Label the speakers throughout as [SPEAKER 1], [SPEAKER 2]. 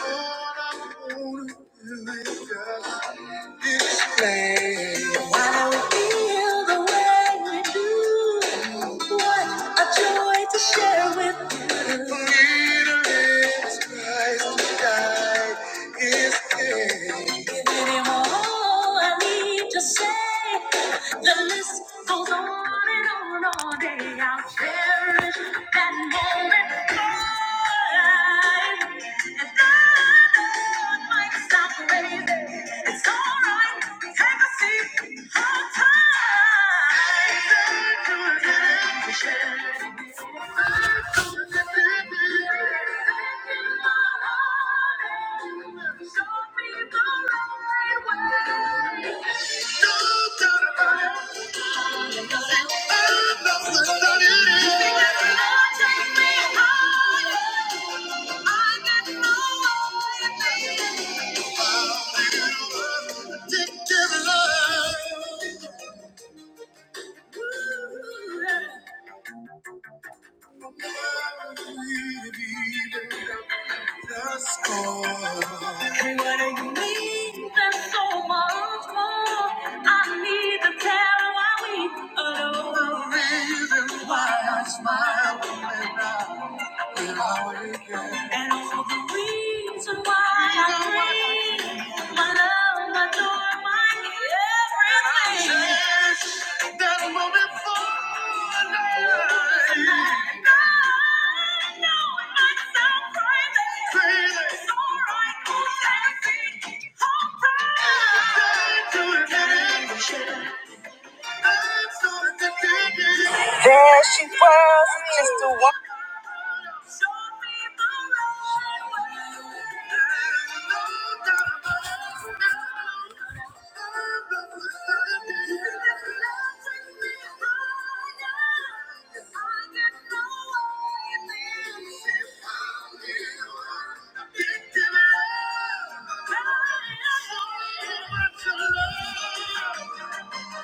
[SPEAKER 1] What I wanna do is just display why we feel the way we do. What a joy to share with you. That moment, Take me higher. I got no way. Smile when I And all the reason why I dream, my love, my door, my everything. And I cherish that moment for life. I know it might sound crazy. Crazy. It's alright, Can't go crazy. to admit it. There she was, just a one.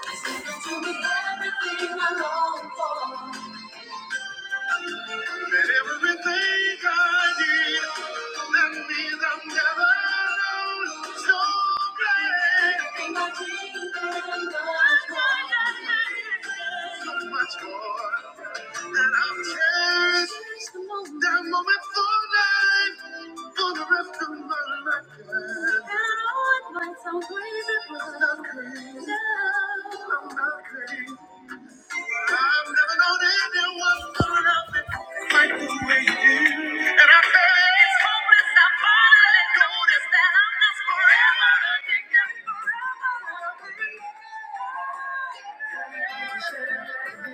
[SPEAKER 1] I said that you did everything I long for. That everything I did, that means I'm never alone. So glad. Everything I dreamed and much more. So much more. That I'll cherish that moment for life, for the rest of my life. And I might sound crazy, but I'm crazy. for love. I'm not crazy. I've never known anyone who loved me like the way you. And I bet it's hopeless I finally noticed I'm just forever addicted, forever addicted. So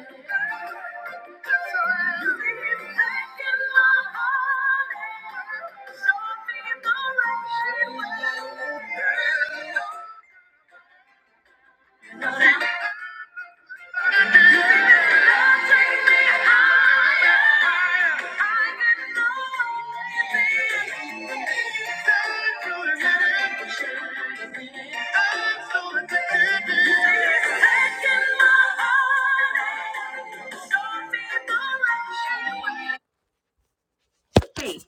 [SPEAKER 1] you've taken my heart and shown me the right way. Now that you take me higher, I got no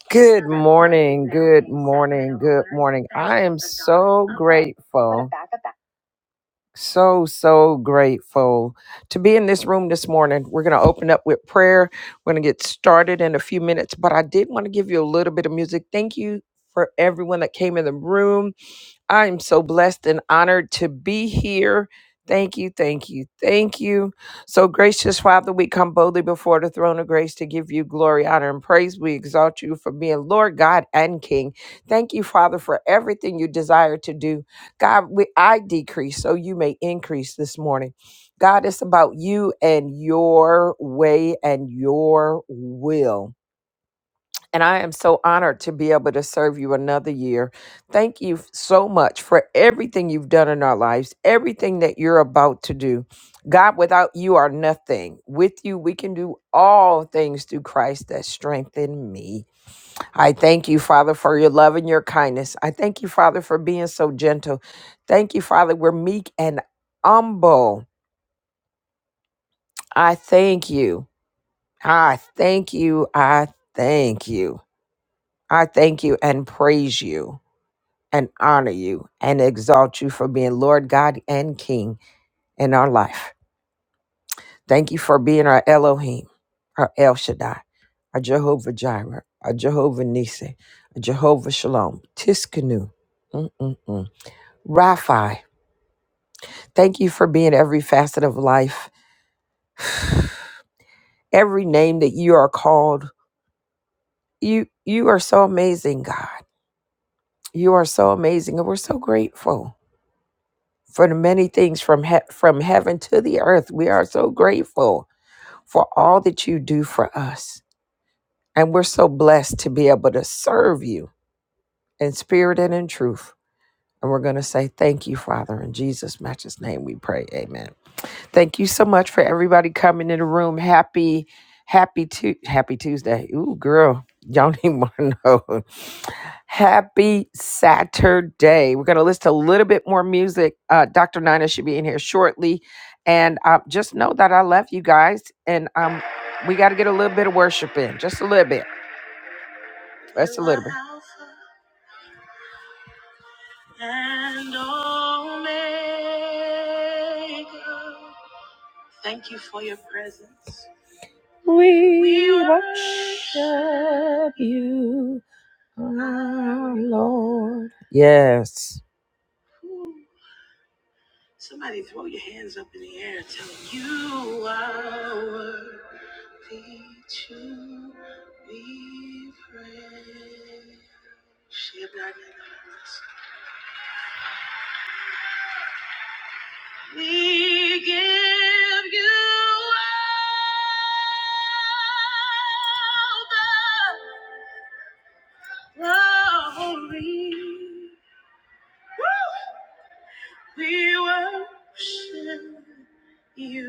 [SPEAKER 1] Good morning, good morning, good morning. I am so grateful, so, so grateful to be in this room this morning. We're going to open up with prayer. We're going to get started in a few minutes, but I did want to give you a little bit of music. Thank you for everyone that came in the room. I am so blessed and honored to be here. Thank you, thank you, thank you. So, gracious Father, we come boldly before the throne of grace to give you glory, honor, and praise. We exalt you for being Lord, God, and King. Thank you, Father, for everything you desire to do. God, we, I decrease so you may increase this morning. God, it's about you and your way and your will. And I am so honored to be able to serve you another year. Thank you so much for everything you've done in our lives, everything that you're about to do. God, without you are nothing. With you, we can do all things through Christ that strengthen me. I thank you, Father, for your love and your kindness. I thank you, Father, for being so gentle. Thank you, Father, we're meek and humble. I thank you. I thank you. I thank you. I thank you and praise you. and honor you and exalt you for being Lord God and King in our life. Thank you for being our Elohim, our El Shaddai, our Jehovah Jireh, our Jehovah Nissi, our Jehovah Shalom, Tiskanu, mm-mm-mm, Raphi. Thank you for being every facet of life, every name that you are called. You you are so amazing, God. You are so amazing, and we're so grateful for the many things from he- from heaven to the earth. We are so grateful for all that you do for us. And we're so blessed to be able to serve you in spirit and in truth. And we're going to say thank you, Father. In Jesus' matchless name we pray. Amen. Thank you so much for everybody coming in the room. Happy, happy, tu- happy Tuesday. Ooh, girl, y'all need more to know. Happy Saturday. We're going to listen to a little bit more music. Uh, Dr. Nina should be in here shortly. And uh, just know that I love you guys. And um, we got to get a little bit of worship in, just a little bit. Just a little bit. And Omega. Thank you for your presence. We, we worship you, our Lord. Yes. Somebody throw your hands up in the air and tell 'em you are worthy to be praised. Shabbat. We give you all the glory. Woo! We worship you,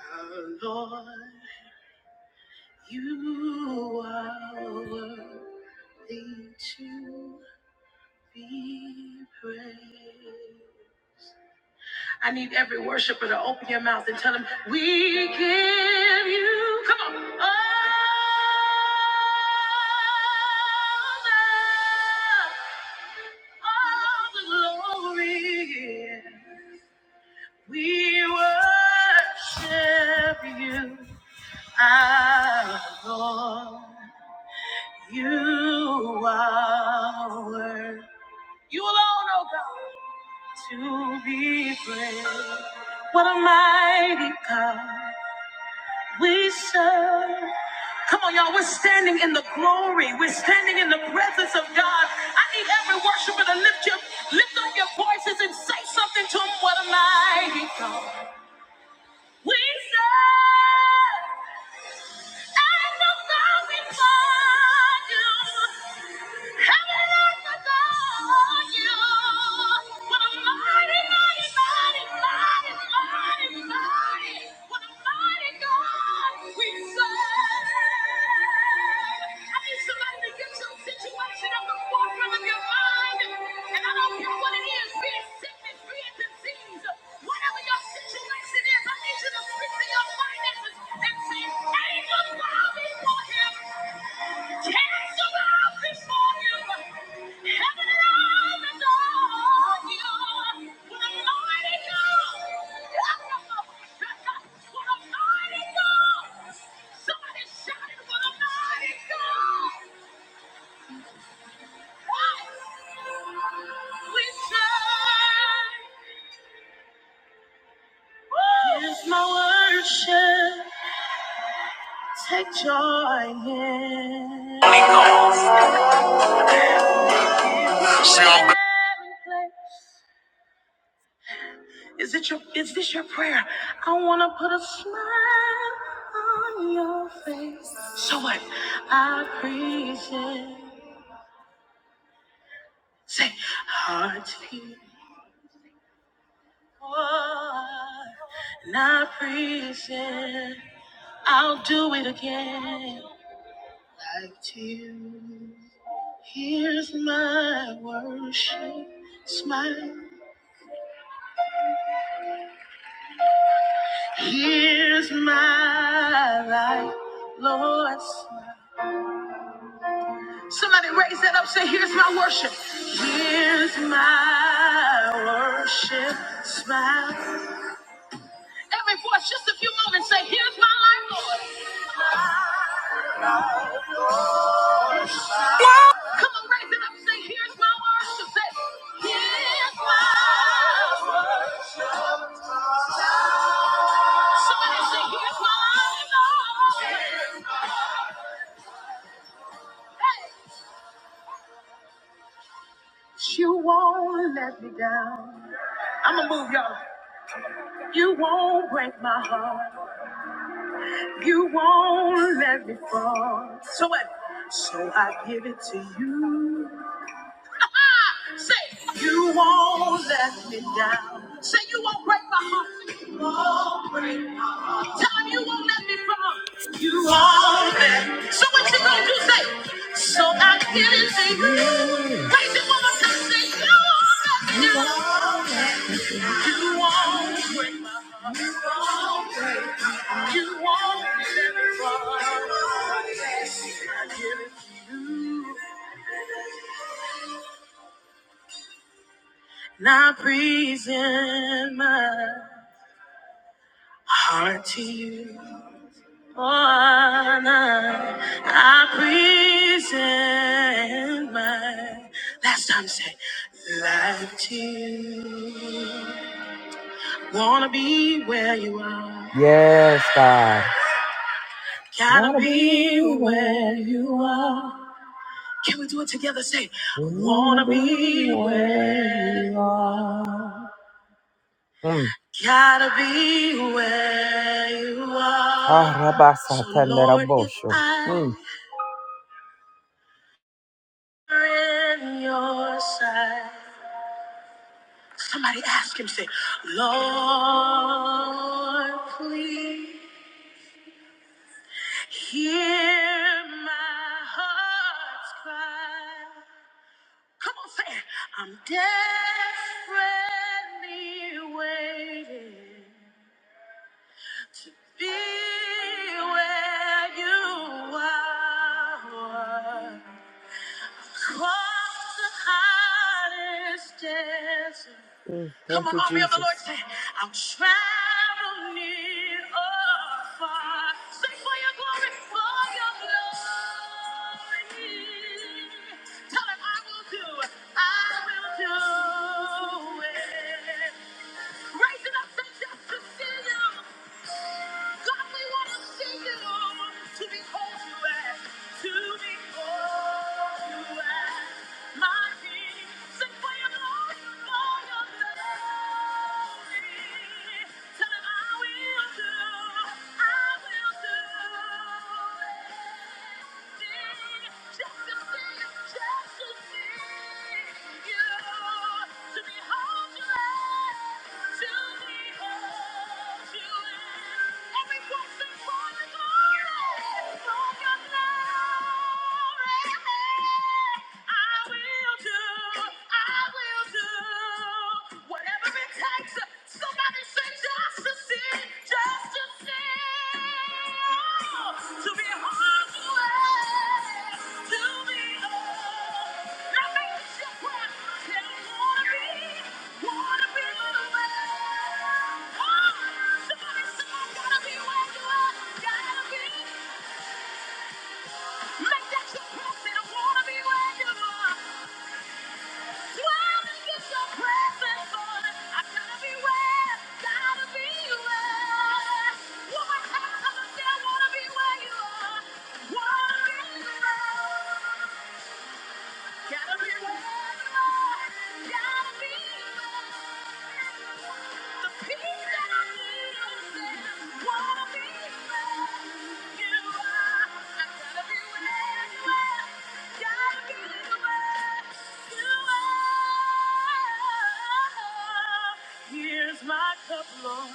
[SPEAKER 1] our Lord. You are worthy to be praised. I need every worshiper to open your mouth and tell them, We give you, come on, all the, all the glory. We worship you, our Lord. You are worthy. You alone, oh God, to be praised. What a mighty God we serve. Come on, y'all. We're standing in the glory. We're standing in the presence of God. I need every worshiper to lift your, lift up your voices and say something to Him. What a mighty God we serve. Mighty, mighty, mighty, what a mighty God we serve. I need somebody to get your situation on the forefront of your mind. And I don't care what it is, be it sickness, be it disease, whatever your situation is, I need you to speak to your finances and say, Angels, I'll for him. Here's my worship. Take joy in every place. Is it your is this your prayer? I wanna put a smile on your face. So what? I praise it. Say hearts people. And I praise it. I'll do it again like tears. Here's my worship smile. Here's my life. You always win. You won't And present my heart to you. Oh, I I present my last time say life to you. Wanna be where you are. Yes, God. Gotta Wanna be be where you are. Can we do it? Mm. Gotta be where you Ah, are. Ah, Rabba So Satan, let Lord, him if show. Mm. I'm in your sight. Somebody ask him, say, Lord, please hear my heart's cry. Come on, say it. I'm desperately waiting. Be where you are. Come Thank on, you, army of the Lord, Jesus. say, I'll travel near or far. Sing for your glory, for your glory. Tell him I will do, I will do it. Raise it up, say just to see you. God, we want to sing it all to behold you as, to behold you as my King. Sing for your glory, for your glory. Tell him I will do, I will do. I will do. I will do. Wanna be where you are, wanna be loved. Gotta be loved, gotta be loved. The peace that I need is wanna be loved. You are. I gotta be where you are. Gotta be where you are. Here's my cup, Lord.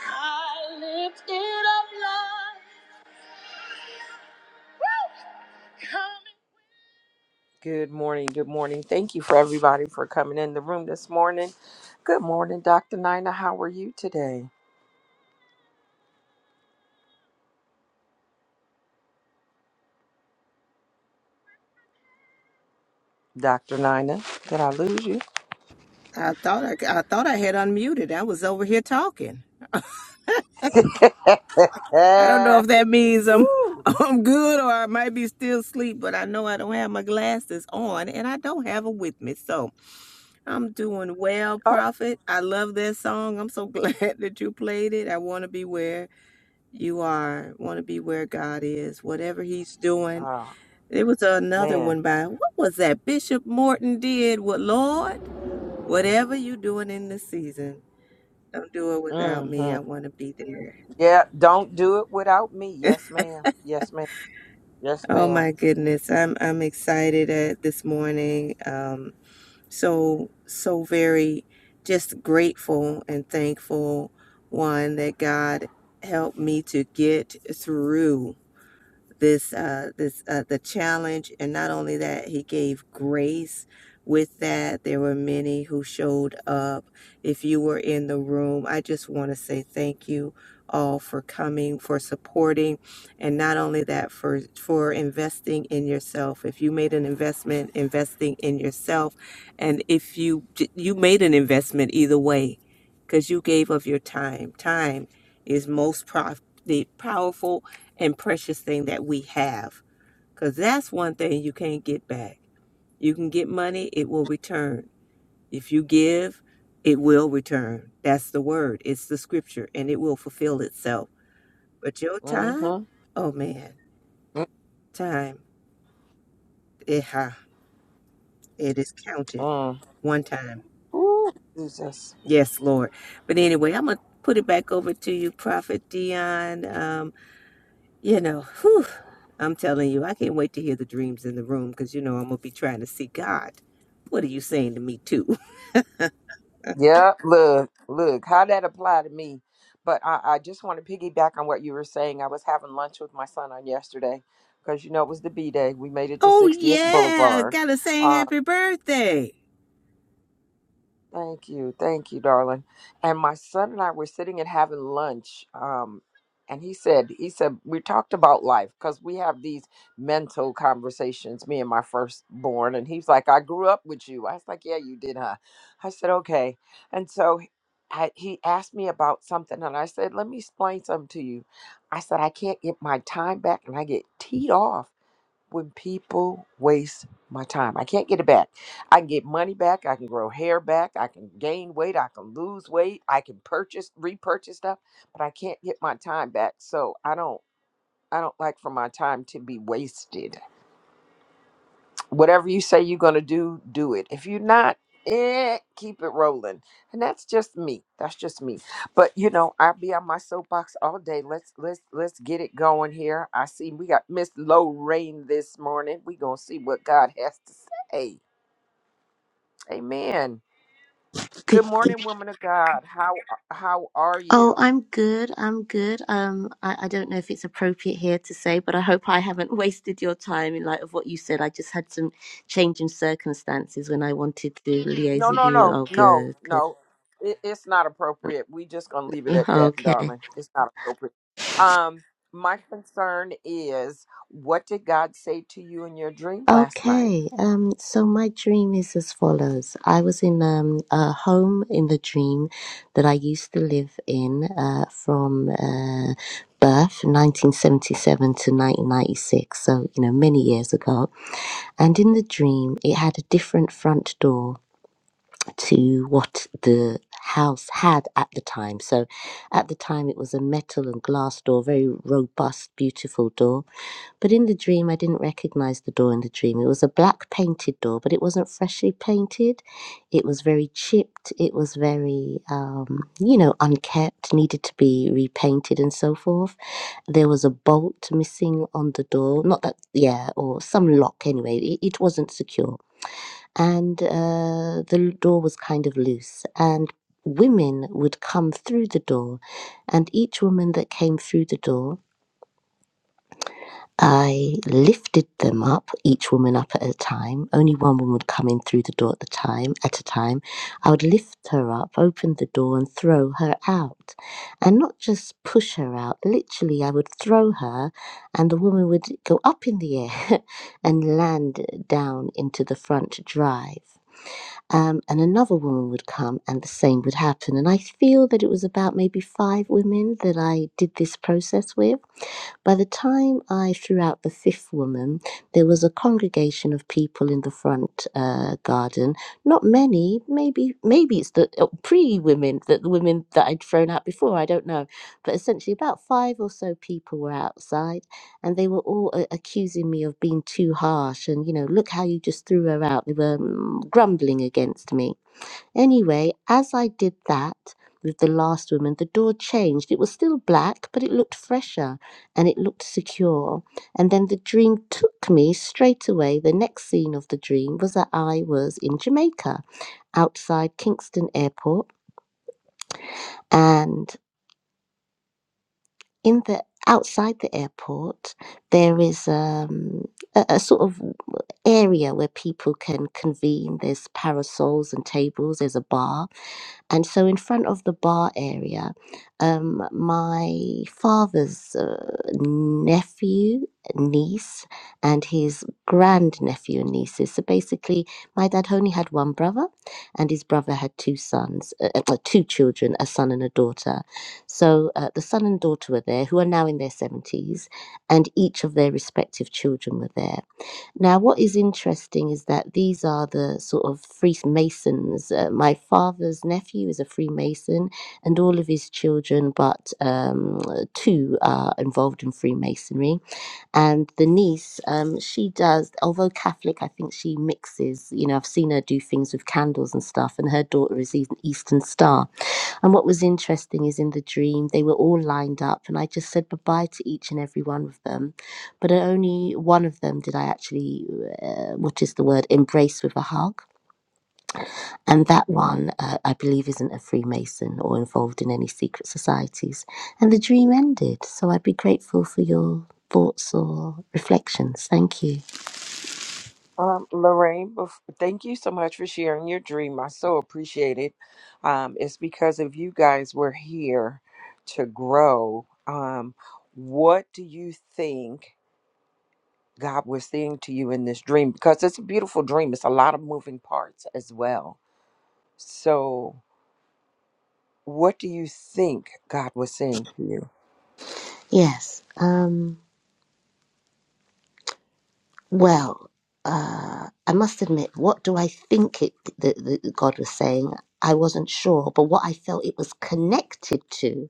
[SPEAKER 1] I lift it up, Lord. Good morning. Good morning. Thank you for everybody for coming in the room this morning. Good morning, Dr. Nina. How are you today? Dr. Nina, did I lose you?
[SPEAKER 2] I thought I, I thought I had unmuted. I was over here talking. I don't know
[SPEAKER 1] Ah,
[SPEAKER 2] if that means I'm I'm good or I might be still asleep, but I know I don't have my glasses on and I don't have them with me. So I'm doing well,
[SPEAKER 1] Oh,
[SPEAKER 2] Prophet. I love that song. I'm so glad that you played it. I want to be where you are. Want to be where God is. Whatever He's doing.
[SPEAKER 1] oh
[SPEAKER 2] There was another
[SPEAKER 1] man.
[SPEAKER 2] one by what was that Bishop Morton did? What Lord? Whatever you doing in this season. Don't do it without me. I
[SPEAKER 1] Mm-hmm.
[SPEAKER 2] want to be there.
[SPEAKER 1] Yeah, don't do it without me. Yes, ma'am. Yes, ma'am. Yes,
[SPEAKER 2] Oh
[SPEAKER 1] ma'am.
[SPEAKER 2] my goodness, I'm I'm excited at this morning. Um, so so very just grateful and thankful. One that God helped me to get through this uh this uh the challenge and not only that he gave grace with that there were many who showed up if you were in the room i just want to say thank you all for coming for supporting and not only that for for investing in yourself if you made an investment investing in yourself and if you you made an investment either way because you gave of your time time is most prof- the powerful and precious thing that we have. Because that's one thing you can't get back. You can get money, it will return. If you give, it will return. That's the word, it's the scripture, and it will fulfill itself. But your time,
[SPEAKER 1] Mm-hmm.
[SPEAKER 2] oh man, time, it, ha, it is counted
[SPEAKER 1] Mm.
[SPEAKER 2] one time.
[SPEAKER 1] Ooh, Jesus.
[SPEAKER 2] Yes, Lord. But anyway, I'm going to put it back over to you, Prophet Dion. Um, You know, whew, I'm telling you, I can't wait to hear the dreams in the room because you know I'm gonna be trying to see God. What are you saying to me too?
[SPEAKER 1] Yeah, look, look, how that apply to me. But I, I just want to piggyback on what you were saying. I was having lunch with my son on yesterday because you know it was the B day. We made it to
[SPEAKER 2] Oh
[SPEAKER 1] 60th
[SPEAKER 2] yeah,
[SPEAKER 1] Boulevard.
[SPEAKER 2] gotta say
[SPEAKER 1] um,
[SPEAKER 2] happy birthday.
[SPEAKER 1] Thank you. Thank you, darling. And my son and I were sitting and having lunch. Um, and he said, he said, we talked about life because we have these mental conversations, me and my firstborn. And he's like, I grew up with you. I was like, yeah, you did, huh? I said, okay. And so I, he asked me about something. And I said, let me explain something to you. I said, I can't get my time back and I get teed off when people waste my time. I can't get it back. I can get money back. I can grow hair back. I can gain weight. I can lose weight. I can purchase, repurchase stuff, but I can't get my time back. So I don't, I don't like for my time to be wasted whatever you say you're going to do, do it. If you're not, eh, keep it rolling. And that's just me. That's just me. But you know, I'll be on my soapbox all day. Let's let's let's get it going here. I see we got Miss Lorraine this morning. we going to see what God has to say. Amen.
[SPEAKER 3] Good.
[SPEAKER 1] Good
[SPEAKER 3] good.
[SPEAKER 1] morning, woman of God. How how are
[SPEAKER 3] Oh,
[SPEAKER 1] you?
[SPEAKER 3] I'm good. I'm good. Um, I, I don't know if it's appropriate here to say, but I hope I haven't wasted your time in light of what you said. I just had some change in circumstances when I wanted to liaise
[SPEAKER 1] No,
[SPEAKER 3] with
[SPEAKER 1] no,
[SPEAKER 3] you.
[SPEAKER 1] no,
[SPEAKER 3] Oh,
[SPEAKER 1] no,
[SPEAKER 3] good, good.
[SPEAKER 1] no. It, it's not appropriate. We just gonna leave it at that,
[SPEAKER 3] Okay.
[SPEAKER 1] darling. It's not appropriate. Um, my concern is, what did God say to you in your dream last night?
[SPEAKER 3] Okay. Um, so my dream is as follows. I was in um, a home in the dream that I used to live in uh, from uh, birth, 1977 to 1996. So, you know, many years ago and in the dream it had a different front door to what the house had at the time. So at the time, it was a metal and glass door, very robust, beautiful door. But in the dream, I didn't recognize the door in the dream. It was a black painted door, but it wasn't freshly painted. It was very chipped. It was very, um, you know, unkept, needed to be repainted and so forth. There was a bolt missing on the door. Not that, yeah, or some lock anyway. It, it wasn't secure and uh, the door was kind of loose and women would come through the door and each woman that came through the door i lifted them up each woman up at a time only one woman would come in through the door at the time at a time i would lift her up open the door and throw her out and not just push her out literally i would throw her and the woman would go up in the air and land down into the front drive um, and another woman would come, and the same would happen. And I feel that it was about maybe five women that I did this process with by the time I threw out the fifth woman, there was a congregation of people in the front uh, garden. Not many, maybe maybe it's the pre women, that the women that I'd thrown out before. I don't know, but essentially about five or so people were outside, and they were all uh, accusing me of being too harsh. And you know, look how you just threw her out. They were mm, grumbling against me. Anyway, as I did that with the last woman, the door changed. It was still black, but it looked fresher and it looked secure. And then the dream took me straight away. The next scene of the dream was that I was in Jamaica outside Kingston Airport. And in the outside the airport, there is um, a, a sort of area where people can convene. There's parasols and tables, there's a bar And so, in front of the bar area, um, my father's uh, nephew, niece, and his grandnephew and nieces. So, basically, my dad only had one brother, and his brother had two sons, uh, uh, well, two children, a son and a daughter. So, uh, the son and daughter were there, who are now in their 70s, and each of their respective children were there. Now, what is interesting is that these are the sort of Freemasons. Uh, my father's nephew is a Freemason, and all of his children, but um, two, are involved in Freemasonry. And the niece, um, she does, although Catholic, I think she mixes. You know, I've seen her do things with candles and stuff, and her daughter is an Eastern Star. And what was interesting is in the dream, they were all lined up, and I just said goodbye to each and every one of them. But only one of them did I actually, uh, what is the word, embrace with a hug. And that one, uh, I believe, isn't a Freemason or involved in any secret societies. And the dream ended. So I'd be grateful for your thoughts or reflections. Thank you.
[SPEAKER 1] Um, Lorraine, bef- thank you so much for sharing your dream. I so appreciate it. Um, it's because of you guys we're here to grow. Um, what do you think God was saying to you in this dream? Because it's a beautiful dream. It's a lot of moving parts as well So, what do you think God was saying to you?
[SPEAKER 3] Yes. Um, Well, uh, I must admit, what do I think it the, the, God was saying? I wasn't sure, but what I felt it was connected to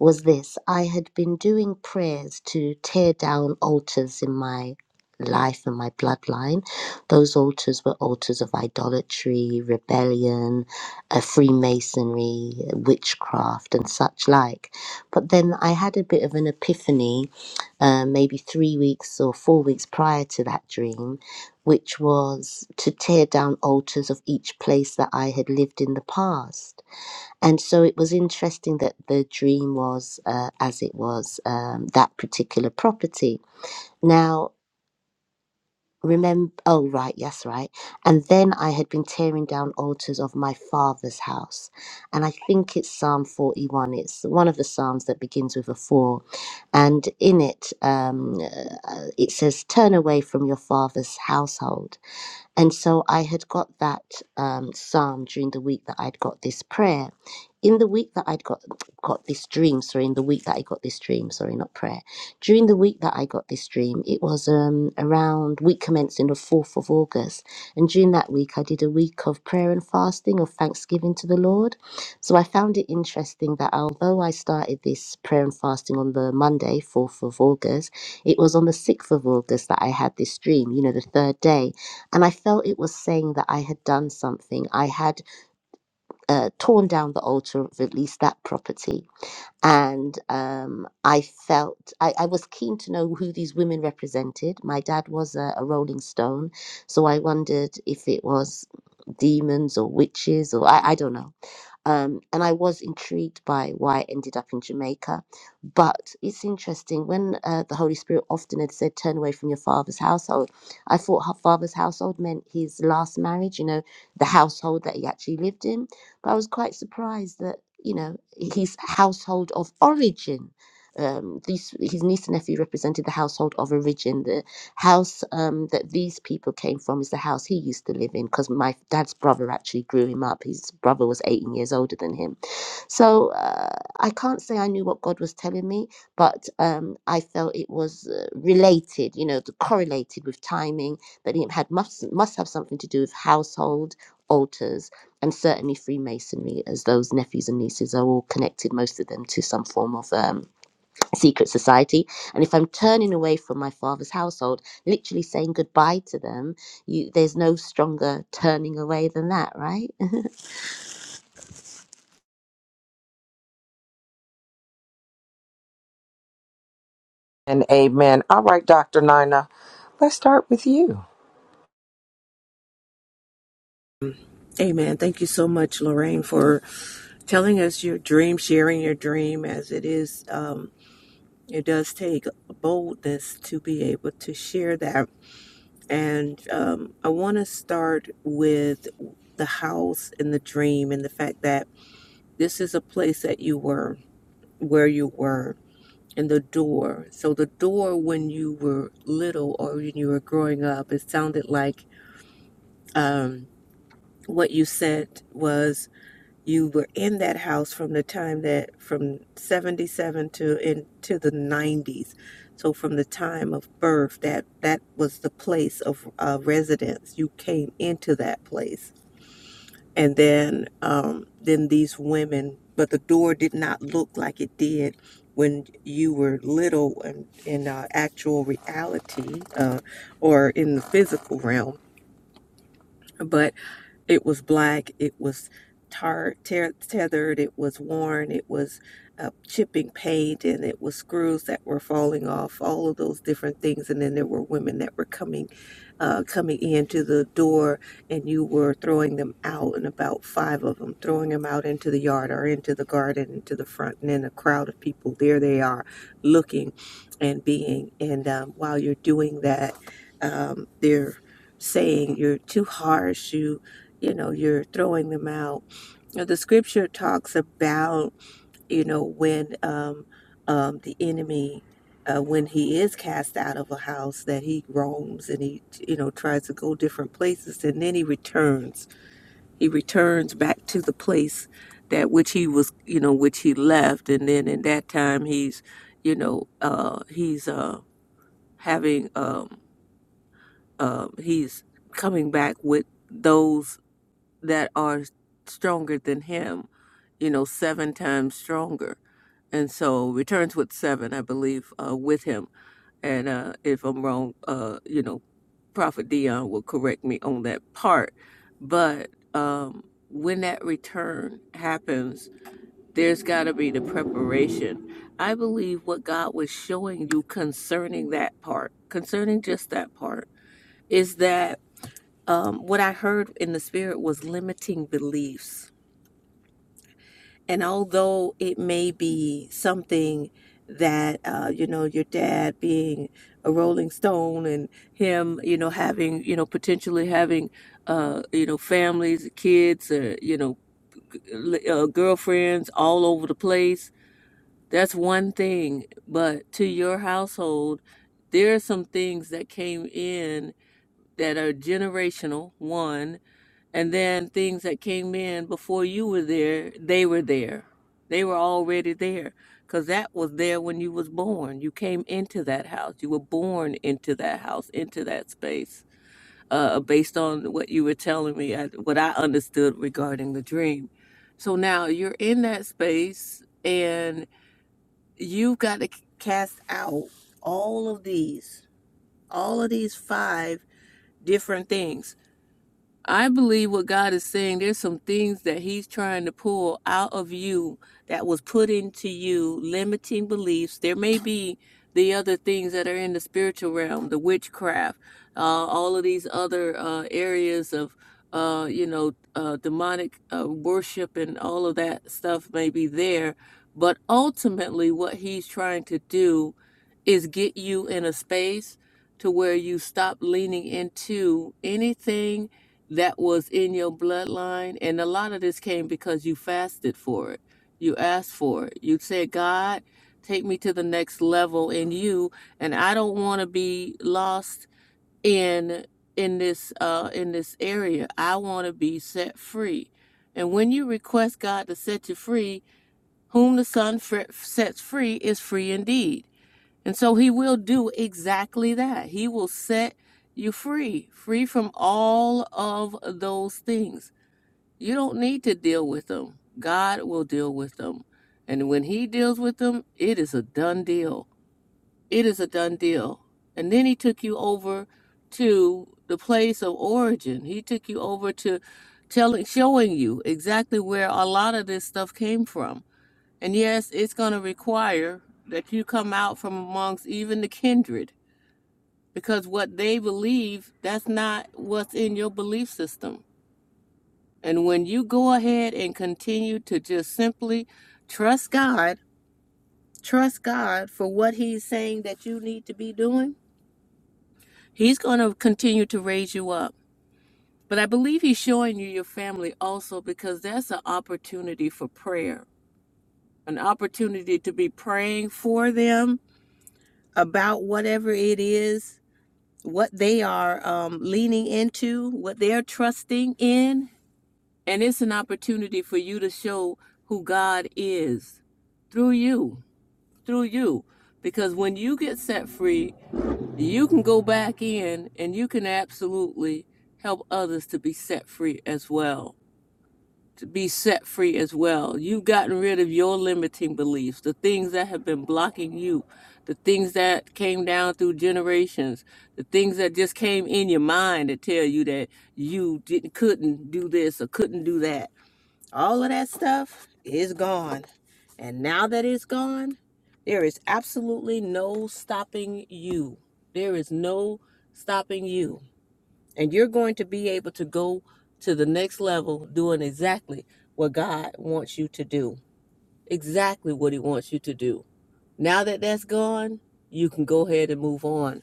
[SPEAKER 3] was this: I had been doing prayers to tear down altars in my life and my bloodline. Those altars were altars of idolatry, rebellion, uh, Freemasonry, witchcraft, and such like. But then I had a bit of an epiphany um, maybe three weeks or four weeks prior to that dream, which was to tear down altars of each place that I had lived in the past. And so it was interesting that the dream was uh, as it was um, that particular property. Now, remember oh right yes right and then i had been tearing down altars of my father's house and i think it's psalm 41 it's one of the psalms that begins with a four and in it um, uh, it says turn away from your father's household and so I had got that um, psalm during the week that I'd got this prayer. In the week that I'd got got this dream, sorry, in the week that I got this dream, sorry, not prayer. During the week that I got this dream, it was um, around week commencing the 4th of August. And during that week, I did a week of prayer and fasting, of thanksgiving to the Lord. So I found it interesting that although I started this prayer and fasting on the Monday, 4th of August, it was on the 6th of August that I had this dream, you know, the third day. And I felt it was saying that I had done something. I had uh, torn down the altar of at least that property. And um, I felt I, I was keen to know who these women represented. My dad was a, a Rolling Stone. So I wondered if it was demons or witches or I, I don't know um, and I was intrigued by why I ended up in Jamaica. But it's interesting when uh, the Holy Spirit often had said, "Turn away from your father's household." I thought her father's household meant his last marriage, you know, the household that he actually lived in. But I was quite surprised that you know his household of origin. Um, these his niece and nephew represented the household of origin, the house um, that these people came from is the house he used to live in because my dad's brother actually grew him up. His brother was 18 years older than him. So uh, I can't say I knew what God was telling me, but um, I felt it was uh, related, you know, the- correlated with timing, that it had must, must have something to do with household, altars, and certainly Freemasonry, as those nephews and nieces are all connected, most of them, to some form of. Um, secret society and if i'm turning away from my father's household literally saying goodbye to them you there's no stronger turning away than that right
[SPEAKER 1] And amen. All right, Dr. Nina, let's start with you.
[SPEAKER 2] Amen. Thank you so much, Lorraine, for telling us your dream, sharing your dream as it is. Um, it does take boldness to be able to share that. And um, I want to start with the house and the dream and the fact that this is a place that you were, where you were and the door. So the door, when you were little or when you were growing up, it sounded like um, what you said was you were in that house from the time that from 77 to into the 90s. So from the time of birth, that that was the place of uh, residence. You came into that place and then um, then these women but the door did not look like it did when you were little and in uh, actual reality uh, or in the physical realm But it was black, it was tar- ter- tethered, it was worn, it was uh, chipping paint, and it was screws that were falling off, all of those different things. And then there were women that were coming, uh, coming into the door, and you were throwing them out, and about five of them, throwing them out into the yard or into the garden, into the front, and then a crowd of people. There they are, looking and being. And um, while you're doing that, um, they're saying you're too harsh you you know you're throwing them out Now, the scripture talks about you know when um, um, the enemy uh, when he is cast out of a house that he roams and he you know tries to go different places and then he returns he returns back to the place that which he was you know which he left and then in that time he's you know uh, he's uh, having um, uh, he's coming back with those that are stronger than him you know, seven times stronger. And so returns with seven, I believe, uh, with him. And uh, if I'm wrong, uh, you know, Prophet Dion will correct me on that part. But um, when that return happens, there's got to be the preparation. I believe what God was showing you concerning that part, concerning just that part, is that um, what I heard in the spirit was limiting beliefs And although it may be something that, uh, you know, your dad being a Rolling Stone and him, you know, having, you know, potentially having, uh, you know, families, kids, or, you know, g- uh, girlfriends all over the place, that's one thing. But to your household, there are some things that came in that are generational, one and then things that came in before you were there they were there they were already there because that was there when you was born you came into that house you were born into that house into that space uh, based on what you were telling me I, what i understood regarding the dream so now you're in that space and you've got to c- cast out all of these all of these five different things I believe what God is saying, there's some things that He's trying to pull out of you that was put into you, limiting beliefs. There may be the other things that are in the spiritual realm, the witchcraft, uh, all of these other uh, areas of, uh, you know, uh, demonic uh, worship and all of that stuff may be there. But ultimately, what He's trying to do is get you in a space to where you stop leaning into anything that was in your bloodline. And a lot of this came because you fasted for it. You asked for it. You said, God, take me to the next level in you. And I don't want to be lost in in this uh in this area. I want to be set free. And when you request God to set you free, whom the Son fr- sets free is free indeed. And so he will do exactly that. He will set you free, free from all of those things. You don't need to deal with them. God will deal with them. And when he deals with them, it is a done deal. It is a done deal. And then he took you over to the place of origin. He took you over to telling showing you exactly where a lot of this stuff came from and yes, it's going to require that you come out from amongst even the kindred because what they believe, that's not what's in your belief system. And when you go ahead and continue to just simply trust God, trust God for what He's saying that you need to be doing, He's going to continue to raise you up. But I believe He's showing you your family also because that's an opportunity for prayer, an opportunity to be praying for them about whatever it is, what they are um, leaning into, what they're trusting in. And it's an opportunity for you to show who God is through you, through you. Because when you get set free, you can go back in and you can absolutely help others to be set free as well to be set free as well. You've gotten rid of your limiting beliefs, the things that have been blocking you, the things that came down through generations, the things that just came in your mind to tell you that you didn't couldn't do this or couldn't do that. All of that stuff is gone. And now that it's gone, there is absolutely no stopping you. There is no stopping you. And you're going to be able to go to the next level doing exactly what God wants you to do, exactly what He wants you to do. Now that that's gone, you can go ahead and move on.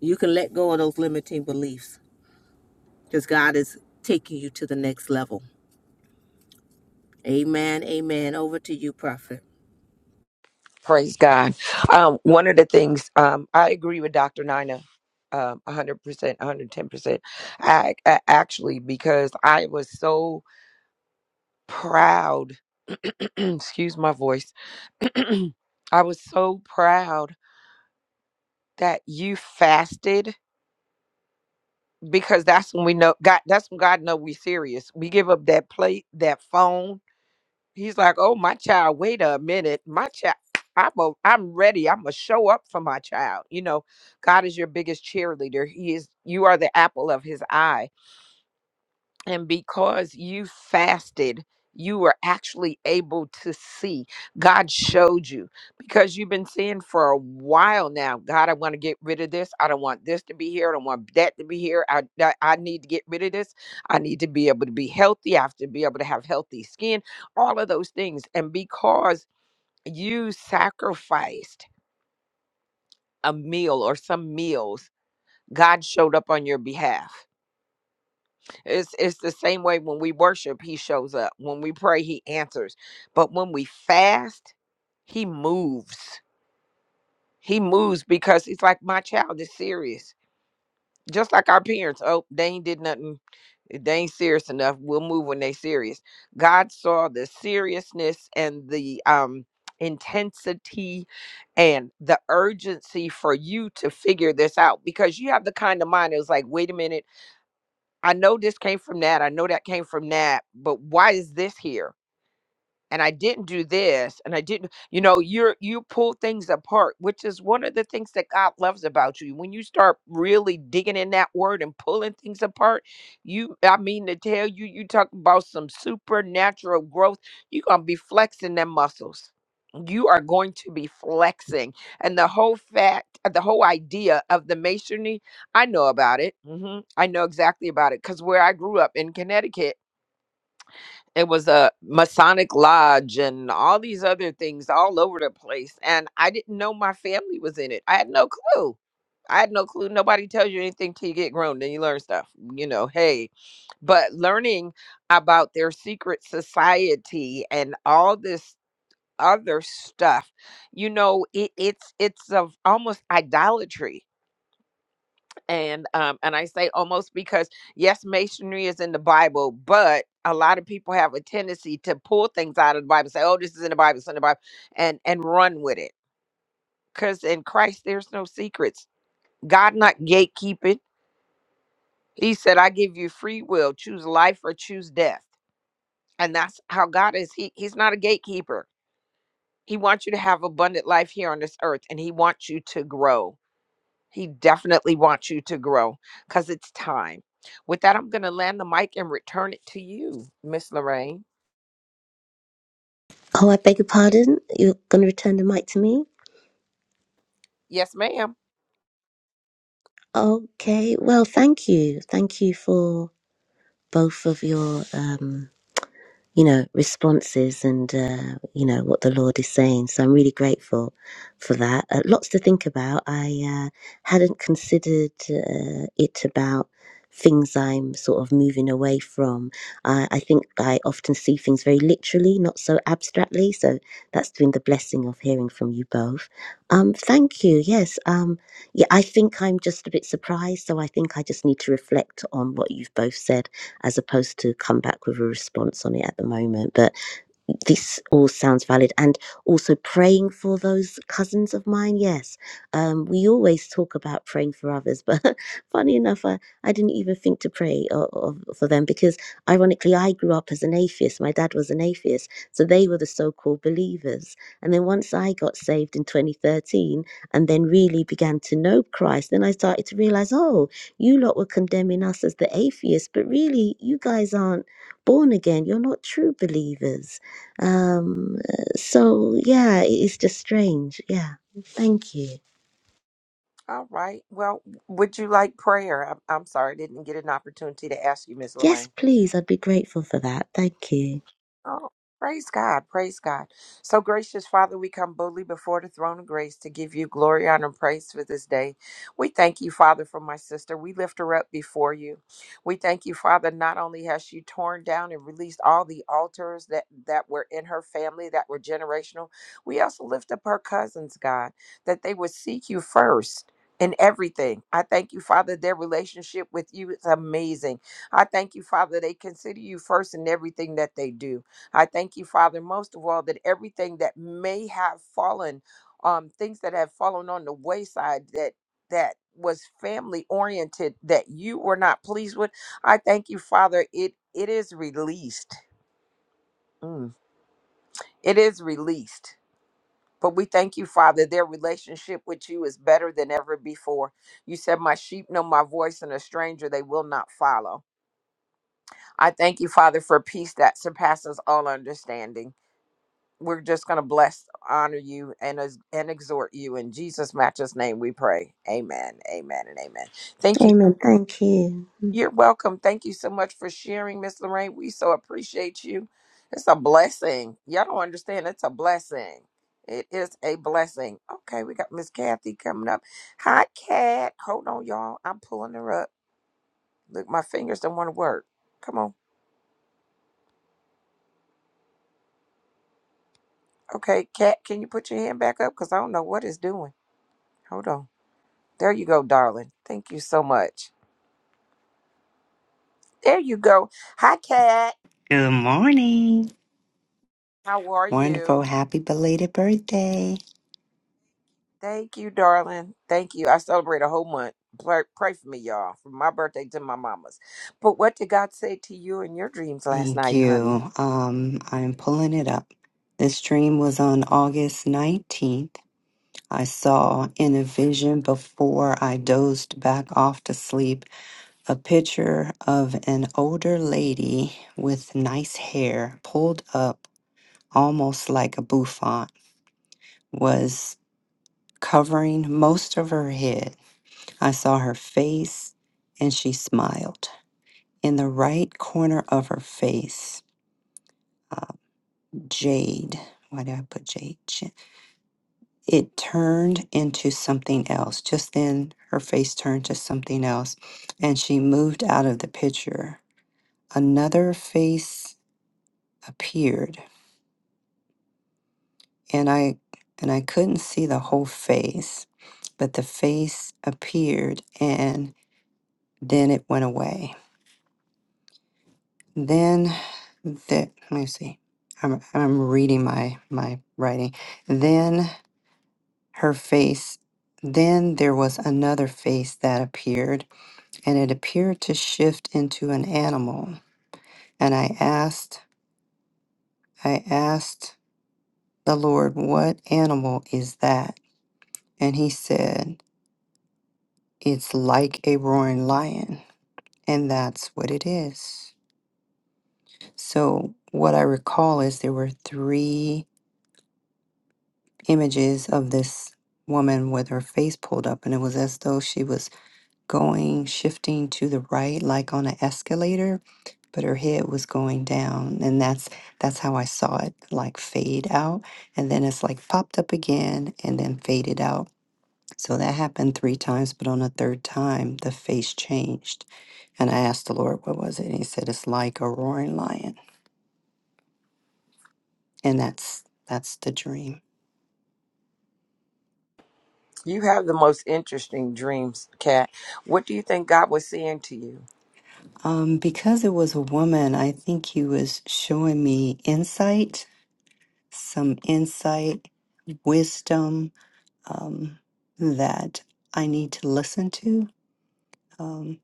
[SPEAKER 2] You can let go of those limiting beliefs because God is taking you to the next level. Amen. Amen. Over to you, prophet.
[SPEAKER 1] Praise God. Um, one of the things um, I agree with Dr. Nina um, 100%, 110%, I, I, actually, because I was so proud, excuse my voice, I was so proud that you fasted because that's when we know God. That's when God know we serious. We give up that plate, that phone. He's like, "Oh, my child, wait a minute, my child." I'm a, I'm ready. I'm gonna show up for my child. You know, God is your biggest cheerleader. He is. You are the apple of His eye. And because you fasted, you were actually able to see. God showed you because you've been seeing for a while now. God, I want to get rid of this. I don't want this to be here. I don't want that to be here. I, I, I need to get rid of this. I need to be able to be healthy. I have to be able to have healthy skin, all of those things. And because you sacrificed a meal or some meals, God showed up on your behalf It's it's the same way when we worship, he shows up. When we pray, he answers. But when we fast, he moves. He moves because he's like, My child is serious. Just like our parents. Oh, they ain't did nothing. They ain't serious enough. We'll move when they serious. God saw the seriousness and the um intensity and the urgency for you to figure this out because you have the kind of mind that was like, wait a minute. I know this came from that. I know that came from that. But why is this here? and I didn't do this and I didn't you know you're you pull things apart which is one of the things that God loves about you when you start really digging in that word and pulling things apart you I mean to tell you you talk about some supernatural growth you're going to be flexing them muscles you are going to be flexing and the whole fact the whole idea of the masonry I know about it hmm I know exactly about it cuz where I grew up in Connecticut it was a masonic lodge and all these other things all over the place and i didn't know my family was in it i had no clue i had no clue nobody tells you anything till you get grown then you learn stuff you know hey but learning about their secret society and all this other stuff you know it, it's it's of almost idolatry and um and i say almost because yes masonry is in the bible but a lot of people have a tendency to pull things out of the bible say oh this is in the bible it's in the bible and and run with it because in christ there's no secrets god not gatekeeping he said i give you free will choose life or choose death and that's how god is he he's not a gatekeeper he wants you to have abundant life here on this earth and he wants you to grow He definitely wants you to grow because it's time. With that, I'm going to land the mic and return it to you, Miss Lorraine.
[SPEAKER 3] Oh, I beg your pardon. You're going to return the mic to me?
[SPEAKER 1] Yes, ma'am.
[SPEAKER 3] Okay. Well, thank you. Thank you for both of your um, you know, responses and, uh, you know, what the Lord is saying. So I'm really grateful for that. Uh, lots to think about. I uh, hadn't considered uh, it about things I'm sort of moving away from. I I think I often see things very literally, not so abstractly. So that's been the blessing of hearing from you both. Um, thank you. Yes. Um, yeah, I think I'm just a bit surprised. So I think I just need to reflect on what you've both said as opposed to come back with a response on it at the moment. But this all sounds valid and also praying for those cousins of mine yes um, we always talk about praying for others but funny enough I, I didn't even think to pray o o- for them because ironically i grew up as an atheist my dad was an atheist so they were the so-called believers and then once i got saved in 2013 and then really began to know christ then i started to realize oh you lot were condemning us as the atheists but really you guys aren't born again you're not true believers um, so yeah, it is just strange. Yeah. Thank you.
[SPEAKER 1] All right. Well, would you like prayer? I'm, I'm sorry, I didn't get an opportunity to ask you, Miss
[SPEAKER 3] Yes,
[SPEAKER 1] Lorraine.
[SPEAKER 3] please. I'd be grateful for that. Thank you.
[SPEAKER 1] Oh, praise God. Praise God. So, gracious Father, we come boldly before the throne of grace to give you glory, honor, and praise for this day. We thank you, Father, for my sister. We lift her up before you. We thank you, Father, not only has she torn down and released all the altars that, that were in her family that were generational, we also lift up her cousins, God, that they would seek you first. In everything. I thank you, Father, their relationship with you is amazing. I thank you, Father, they consider you first in everything that they do. I thank you, Father, most of all, that everything that may have fallen, um, things that have fallen on the wayside that that was family oriented that you were not pleased with. I thank you, Father. It it is released. Mm. It is released. But we thank you, Father. Their relationship with you is better than ever before. You said, My sheep know my voice, and a stranger they will not follow. I thank you, Father, for peace that surpasses all understanding. we're just going to bless, honor you, and ex- and exhort you in Jesus' matchless name. We pray. Amen. Amen. And amen. Thank you.
[SPEAKER 3] Amen. Thank you.
[SPEAKER 1] You're welcome. Thank you so much for sharing, Miss Lorraine. We so appreciate you. It's a blessing. Y'all don't understand. It's a blessing. It is a blessing. Okay, we got Miss Kathy coming up. Hi, Cat. Hold on, y'all. I'm pulling her up. Look, my fingers don't want to work. Come on. Okay, Cat, can you put your hand back up? Because I don't know what it's doing. Hold on. There you go, darling. Thank you so much. There you go. Hi, Kat.
[SPEAKER 4] Good morning.
[SPEAKER 1] How are
[SPEAKER 4] Wonderful.
[SPEAKER 1] you?
[SPEAKER 4] Happy belated birthday.
[SPEAKER 1] Thank you, darling. Thank you. I celebrate a whole month. Pray, pray for me, y'all, from my birthday to my mama's. But what did God say to you in your dreams last
[SPEAKER 4] Thank
[SPEAKER 1] night, honey?
[SPEAKER 4] you. Um, I'm pulling it up. This dream was on August 19th. I saw in a vision before I dozed back off to sleep a picture of an older lady with nice hair pulled up almost like a bouffant, was covering most of her head. I saw her face and she smiled. in the right corner of her face, uh, jade. Why did I put jade? J- It turned into something else. Just then, her face turned to something else, and she moved out of the picture. Another face appeared, and I and I couldn't see the whole face, but the face appeared, and then it went away. Then, the, let me see. I'm, I'm reading my my writing. Then her face. Then there was another face that appeared, and it appeared to shift into an animal. And I asked, I asked the Lord, What animal is that? And he said, It's like a roaring lion. And that's what it is. So, what I recall is there were three images of this woman with her face pulled up, and it was as though she was going, shifting to the right, like on an escalator, but her head was going down. And that's that's how I saw it like fade out. And then it's like popped up again and then faded out. So that happened three times, but on the third time, the face changed. And I asked the Lord, what was it? And he said, it's like a roaring lion. And that's that's the dream.
[SPEAKER 1] You have the most interesting dreams, Kat. What do you think God was saying to you?
[SPEAKER 4] Um, because it was a woman, I think he was showing me insight, some insight, wisdom, um, that I need to listen to. Um,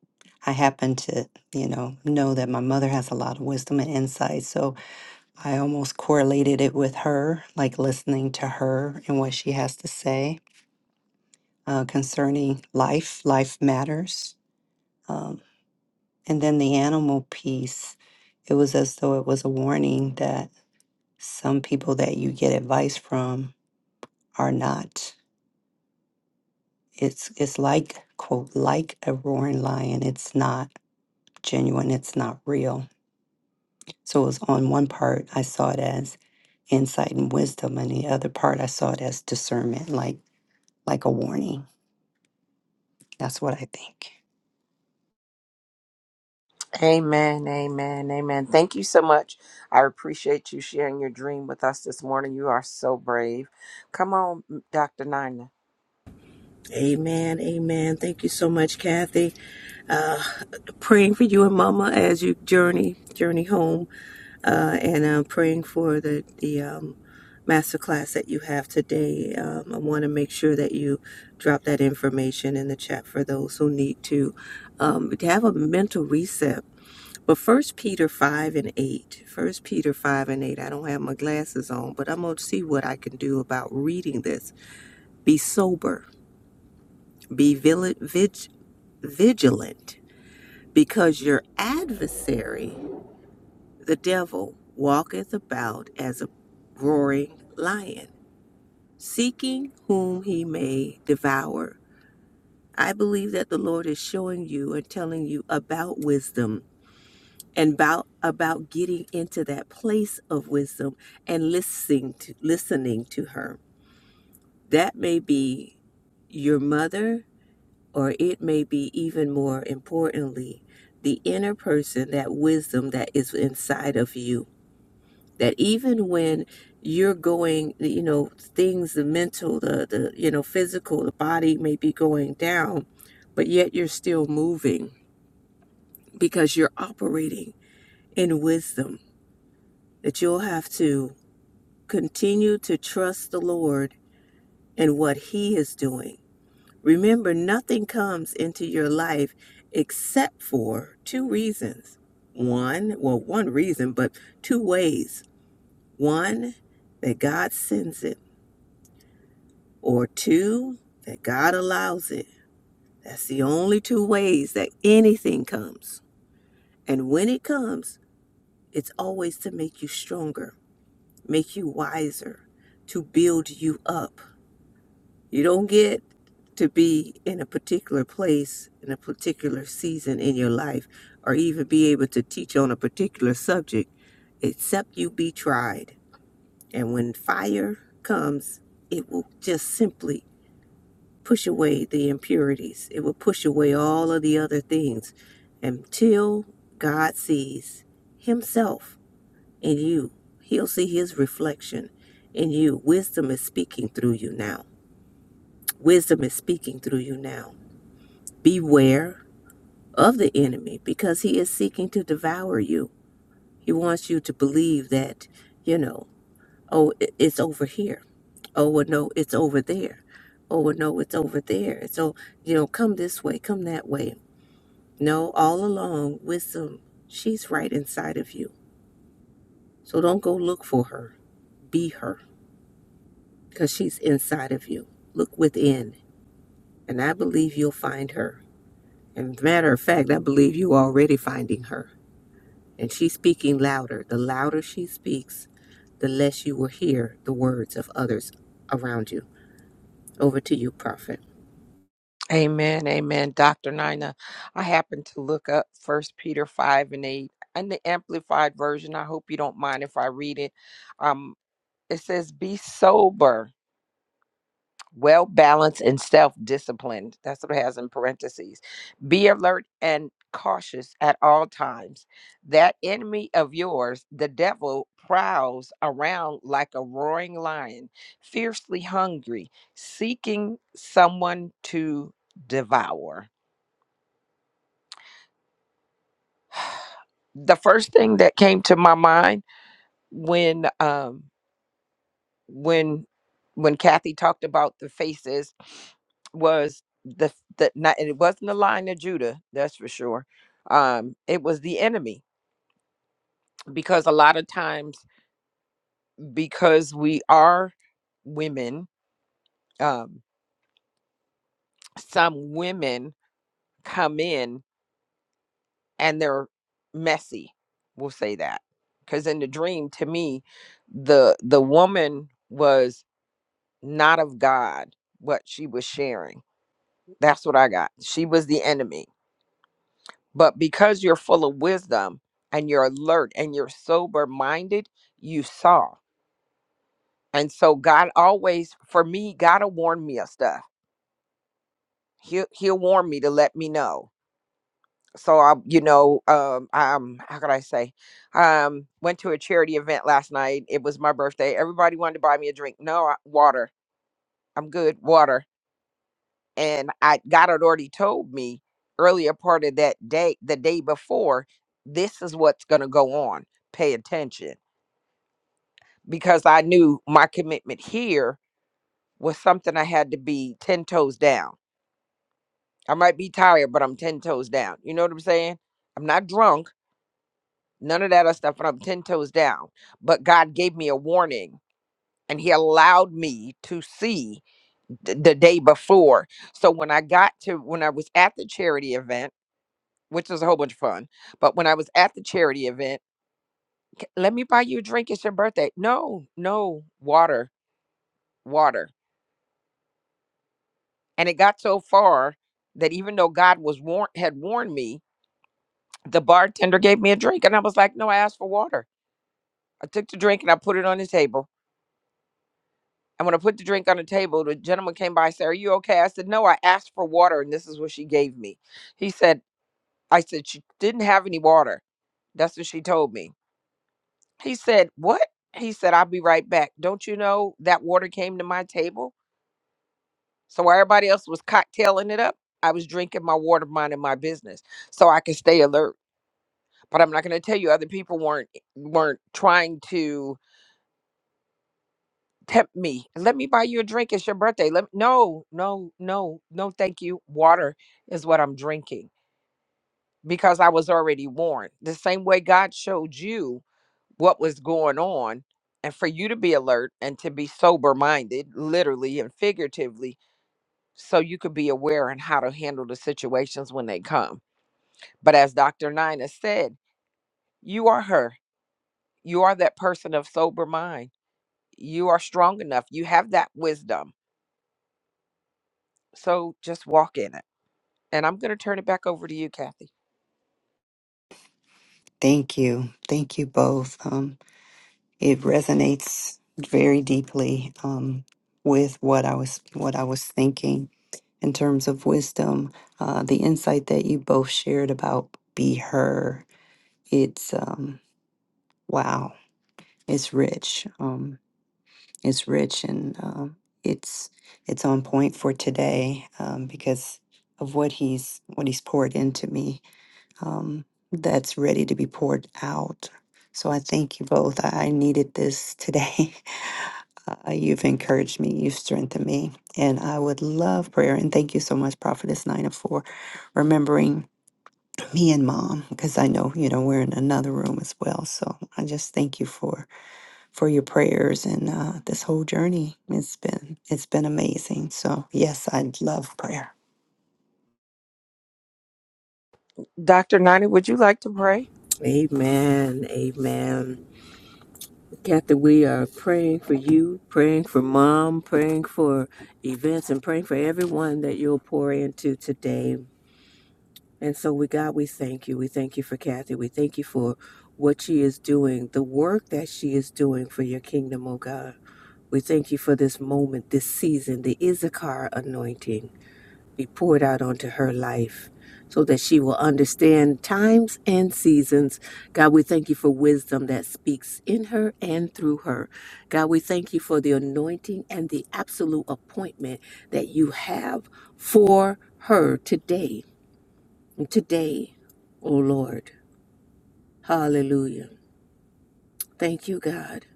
[SPEAKER 4] I happen to, you know, know that my mother has a lot of wisdom and insight, so I almost correlated it with her, like listening to her and what she has to say uh, concerning life, life matters. Um, and then the animal piece, it was as though it was a warning that some people that you get advice from are not. It's it's like quote like a roaring lion. It's not. genuine, it's not real. So it was on one part, I saw it as insight and wisdom, and the other part, I saw it as discernment, like like a warning. That's what I think.
[SPEAKER 1] Amen, amen, amen. Thank you so much. I appreciate you sharing your dream with us this morning. You are so brave. Come on, Dr. Nina.
[SPEAKER 2] Amen. Amen. Thank you so much, Kathy. Uh, praying for you and Mama as you journey journey home, uh, and uh, praying for the the um, master that you have today. Um, I want to make sure that you drop that information in the chat for those who need to um, to have a mental reset. But First Peter five and eight, First Peter five and eight. I don't have my glasses on, but I'm gonna see what I can do about reading this. Be sober be vigilant, because your adversary, the devil, walketh about as a roaring lion, seeking whom he may devour. I believe that the Lord is showing you and telling you about wisdom and about about getting into that place of wisdom and listening to listening to her. That may be your mother, or it may be even more importantly, the inner person, that wisdom that is inside of you. That even when you're going, you know, things, the mental, the, the you know, physical, the body may be going down, but yet you're still moving because you're operating in wisdom. That you'll have to continue to trust the Lord and what He is doing Remember, nothing comes into your life except for two reasons. One, well, one reason, but two ways. One, that God sends it, or two, that God allows it. That's the only two ways that anything comes. And when it comes, it's always to make you stronger, make you wiser, to build you up. You don't get to be in a particular place in a particular season in your life or even be able to teach on a particular subject except you be tried. And when fire comes, it will just simply push away the impurities, it will push away all of the other things until God sees Himself in you. He'll see His reflection in you. Wisdom is speaking through you now. Wisdom is speaking through you now Beware of the enemy because he is seeking to devour you. He wants you to believe that, you know, oh, it's over here. Oh, well, no, it's over there. Oh, well, no, it's over there. so, you know, come this way, come that way. No, all along, wisdom, she's right inside of you. So don't go look for her. Be her because she's inside of you. Look within, and I believe you'll find her. And matter of fact, I believe you are already finding her And she's speaking louder. The louder she speaks, the less you will hear the words of others around you. Over to you, Prophet.
[SPEAKER 1] Amen, amen. Dr. Nina, I happened to look up First Peter 5 and 8 and the amplified version. I hope you don't mind if I read it. Um, it says, Be sober. well balanced and self disciplined. That's what it has in parentheses. Be alert and cautious at all times. That enemy of yours, the devil, prowls around like a roaring lion, fiercely hungry, seeking someone to devour. The first thing that came to my mind when um, when when Kathy talked about the faces was the the not and it wasn't the line of Judah, that's for sure. Um, it was the enemy because a lot of times because we are women, um, some women come in and they're messy. We'll say that because in the dream, to me, the the woman was not of God. What she was sharing, that's what I got. She was the enemy But because you're full of wisdom and you're alert and you're sober minded, you saw. And so God always, for me, God will warn me of stuff. He'll, he'll warn me to let me know. So I, you know, um, um, how could I say? Um, went to a charity event last night. It was my birthday. Everybody wanted to buy me a drink. No I- water. I'm good. Water. And I God had already told me earlier part of that day, the day before, this is what's going to go on. Pay attention because I knew my commitment here was something I had to be 10 toes down. I might be tired, but I'm 10 toes down. You know what I'm saying? I'm not drunk, none of that other stuff, but I'm 10 toes down. But God gave me a warning and He allowed me to see th- the day before. So when I got to, when I was at the charity event, which was a whole bunch of fun, but when I was at the charity event, "C- let me buy you a drink. It's your birthday. No, no, water, water. And it got so far that even though God was warn had warned me, the bartender gave me a drink, and I was like, "No, I asked for water." I took the drink and I put it on the table. And when I put the drink on the table, the gentleman came by and said, "Are you okay?" I said, "No, I asked for water, and this is what she gave me." He said, "I said she didn't have any water. That's what she told me." He said, "What?" He said, "I'll be right back. Don't you know that water came to my table? So while everybody else was cocktailing it up, I was drinking my water, minding my business, so I could stay alert." but I'm not going to tell you other people weren't weren't trying to tempt me. Let me buy you a drink. It's your birthday. Let no, no, no, no. Thank you. Water is what I'm drinking because I was already warned. The same way God showed you what was going on, and for you to be alert and to be sober minded, literally and figuratively, so you could be aware and how to handle the situations when they come. But as Dr. Nina said, you are her. You are that person of sober mind you are strong enough. You have that wisdom. So just walk in it. And I'm going to turn it back over to you, Kathy.
[SPEAKER 4] Thank you, thank you both. Um, it resonates very deeply um, with what I was what I was thinking in terms of wisdom. Uh, the insight that you both shared about be her, it's um, wow, it's rich. Um, It's rich and um, it's it's on point for today um, because of what he's what he's poured into me. Um, that's ready to be poured out. So I thank you both. I I needed this today. Uh, you've encouraged me. You've strengthened me, and I would love prayer. And thank you so much, Prophetess Nina, for remembering me and Mom, because I know you know we're in another room as well. So I just thank you for for your prayers and uh, this whole journey. It's been it's been amazing. So yes, I love prayer.
[SPEAKER 1] Dr. Nani, would you like to pray?
[SPEAKER 2] Amen. Amen. Kathy, we are praying for you, praying for mom, praying for events, and praying for everyone that you'll pour into today. And so, we God, we thank you. We thank you for Kathy. We thank you for what she is doing, the work that she is doing for your kingdom, oh God. We thank you for this moment, this season, the Issachar anointing. be poured out onto her life so that she will understand times and seasons. God, we thank you for wisdom that speaks in her and through her. God, we thank you for the anointing and the absolute appointment that you have for her today. Today, O Lord. Hallelujah. Thank you, God,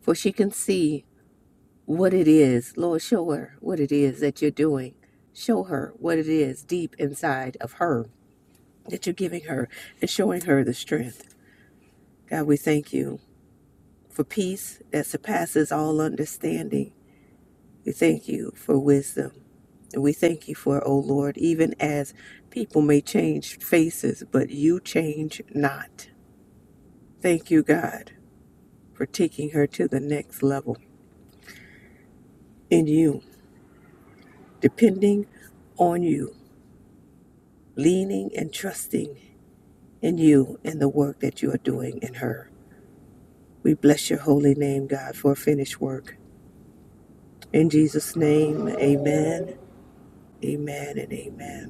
[SPEAKER 2] for she can see what it is. Lord, show her what it is that you're doing. Show her what it is deep inside of her that you're giving her and showing her the strength. God, we thank you for peace that surpasses all understanding. We thank you for wisdom. And we thank you for, O Lord, even as people may change faces, but you change not. Thank you, God, for taking her to the next level in you, depending on you, leaning and trusting in you and the work that you are doing in her. We bless your holy name, God, for a finished work. In Jesus' name, amen, amen, and amen.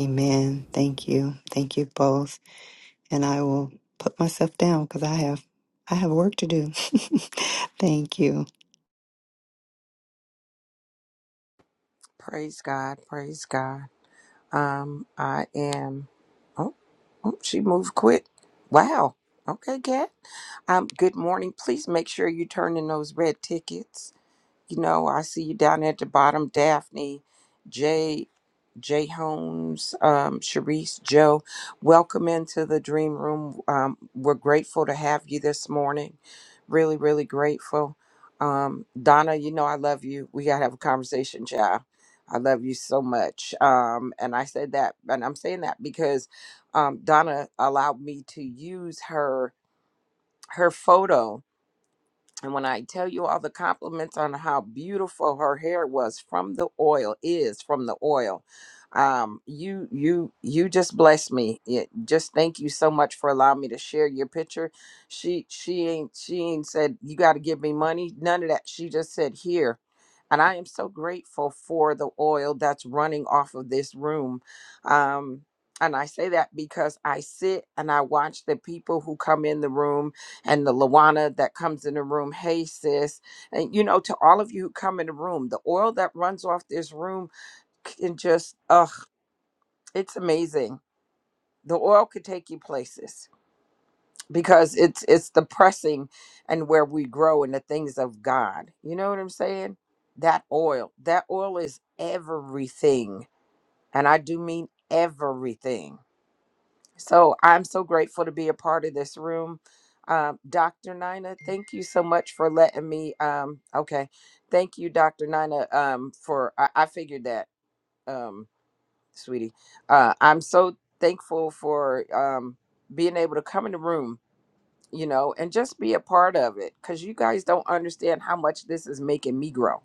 [SPEAKER 4] Amen. Thank you. Thank you both. And I will put myself down because I have I have work to do. Thank you.
[SPEAKER 1] Praise God. Praise God. Um, I am. Oh, oh, she moved quick. Wow. Okay, Kat. Um, good morning. Please make sure you turn in those red tickets. You know, I see you down at the bottom, Daphne, Jay, Jay Holmes, um, Sharice, Joe. Welcome into the dream room. Um, we're grateful to have you this morning. Really, really grateful. Um, Donna, you know I love you. We gotta have a conversation, child. I love you so much. Um, and I said that, and I'm saying that because um, Donna allowed me to use her her photo and when I tell you all the compliments on how beautiful her hair was from the oil is from the oil, um, you you you just bless me. It, just thank you so much for allowing me to share your picture. She she ain't she ain't said you got to give me money. None of that. She just said here. And I am so grateful for the oil that's running off of this room. Um, and I say that because I sit and I watch the people who come in the room and the Lawana that comes in the room, hey sis, and you know, to all of you who come in the room, the oil that runs off this room can just, ugh, it's amazing. The oil could take you places because it's it's the pressing and where we grow in the things of God. You know what I'm saying? That oil, that oil is everything, and I do mean everything So I'm so grateful to be a part of this room. Um, Dr. Nina, thank you so much for letting me. Um, okay. Thank you, Dr. Nina, um, for, I, I figured that, um, sweetie. Uh, I'm so thankful for um, being able to come in the room, you know, and just be a part of it because you guys don't understand how much this is making me grow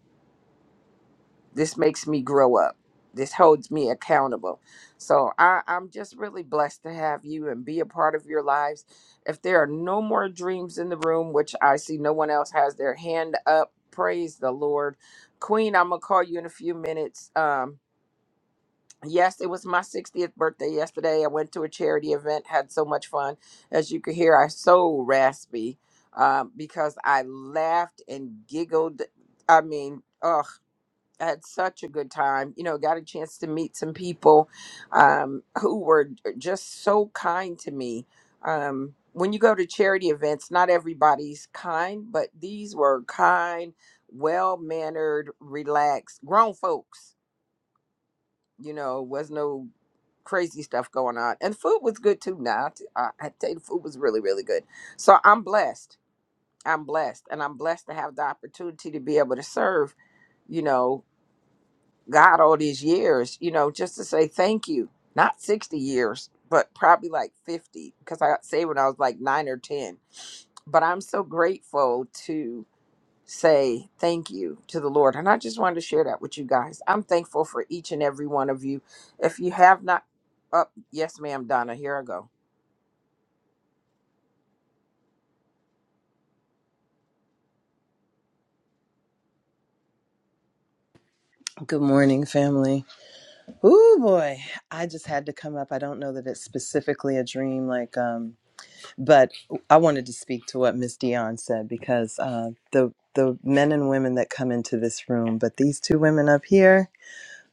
[SPEAKER 1] this makes me grow up this holds me accountable so I, i'm just really blessed to have you and be a part of your lives if there are no more dreams in the room which i see no one else has their hand up praise the lord queen i'm gonna call you in a few minutes um Yes, it was my 60th birthday yesterday. I went to a charity event, had so much fun. As you could hear, I'm so raspy um, because I laughed and giggled. I mean, ugh. I had such a good time. You know, got a chance to meet some people um, who were just so kind to me. Um, when you go to charity events, not everybody's kind, but these were kind, well mannered, relaxed, grown folks. You know, was no crazy stuff going on. And food was good too. Now, I, t- I I tell you, the food was really, really good. So I'm blessed. I'm blessed. And I'm blessed to have the opportunity to be able to serve, you know, God all these years, you know, just to say thank you. Not 60 years, but probably like 50 because I got saved when I was like nine or 10. But I'm so grateful to say thank you to the Lord. And I just wanted to share that with you guys. I'm thankful for each and every one of you. If you have not, up, yes, ma'am, Donna, here I go.
[SPEAKER 5] Good morning, family. Oh boy, I just had to come up. I don't know that it's specifically a dream, like, um, but I wanted to speak to what Miss Dion said because uh, the the men and women that come into this room, but these two women up here,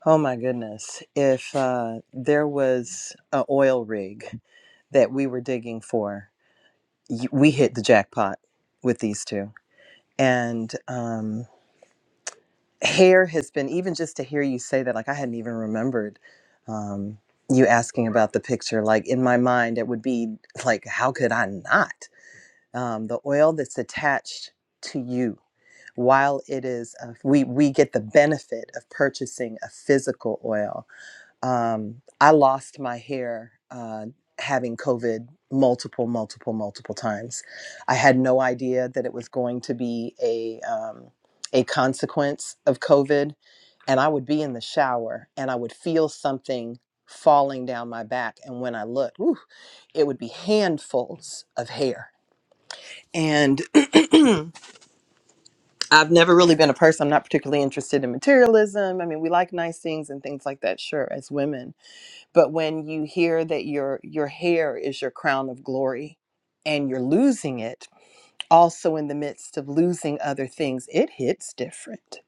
[SPEAKER 5] oh my goodness! If uh, there was a oil rig that we were digging for, y- we hit the jackpot with these two, and. Um, hair has been even just to hear you say that like i hadn't even remembered um, you asking about the picture like in my mind it would be like how could i not um, the oil that's attached to you while it is uh, we we get the benefit of purchasing a physical oil um, I lost my hair uh, having COVID multiple, multiple, multiple times. I had no idea that it was going to be a um, a consequence of COVID, and I would be in the shower and I would feel something falling down my back, and when I looked, whew, it would be handfuls of hair. And I've never really been a person. I'm not particularly interested in materialism. I mean, we like nice things and things like that, sure, as women but when you hear that your your hair is your crown of glory and you're losing it also in the midst of losing other things it hits different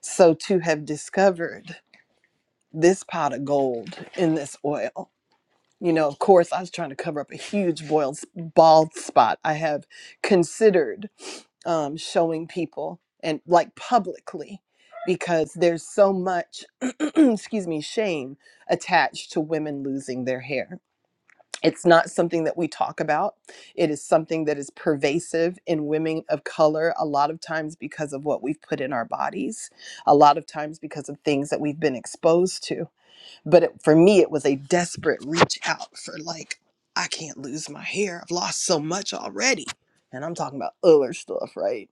[SPEAKER 5] so to have discovered this pot of gold in this oil you know of course i was trying to cover up a huge boiled bald spot i have considered um, showing people and like publicly because there's so much excuse me shame attached to women losing their hair It's not something that we talk about. It is something that is pervasive in women of color, a lot of times because of what we've put in our bodies, a lot of times because of things that we've been exposed to. But it, for me, it was a desperate reach out for, like, I can't lose my hair. I've lost so much already. And I'm talking about other stuff, right?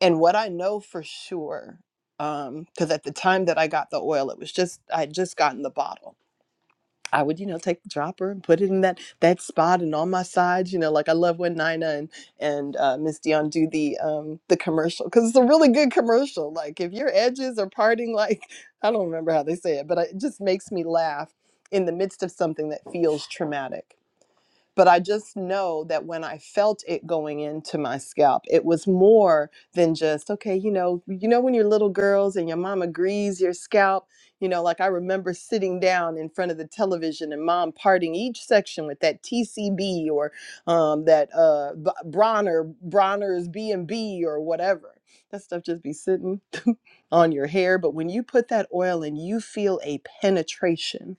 [SPEAKER 5] And what I know for sure, because at the time that I got the oil, it was just, I had just gotten the bottle I would, you know, take the dropper and put it in that that spot and on my sides, you know, like I love when Nina and and uh, Miss Dion do the um the commercial because it's a really good commercial. Like if your edges are parting, like I don't remember how they say it, but it just makes me laugh in the midst of something that feels traumatic but I just know that when I felt it going into my scalp, it was more than just okay. You know, you know when you're little girls and your mama greases your scalp. You know, like I remember sitting down in front of the television and mom parting each section with that TCB or um, that uh, B- Bronner Bronner's B and B or whatever. That stuff just be sitting on your hair. But when you put that oil in, you feel a penetration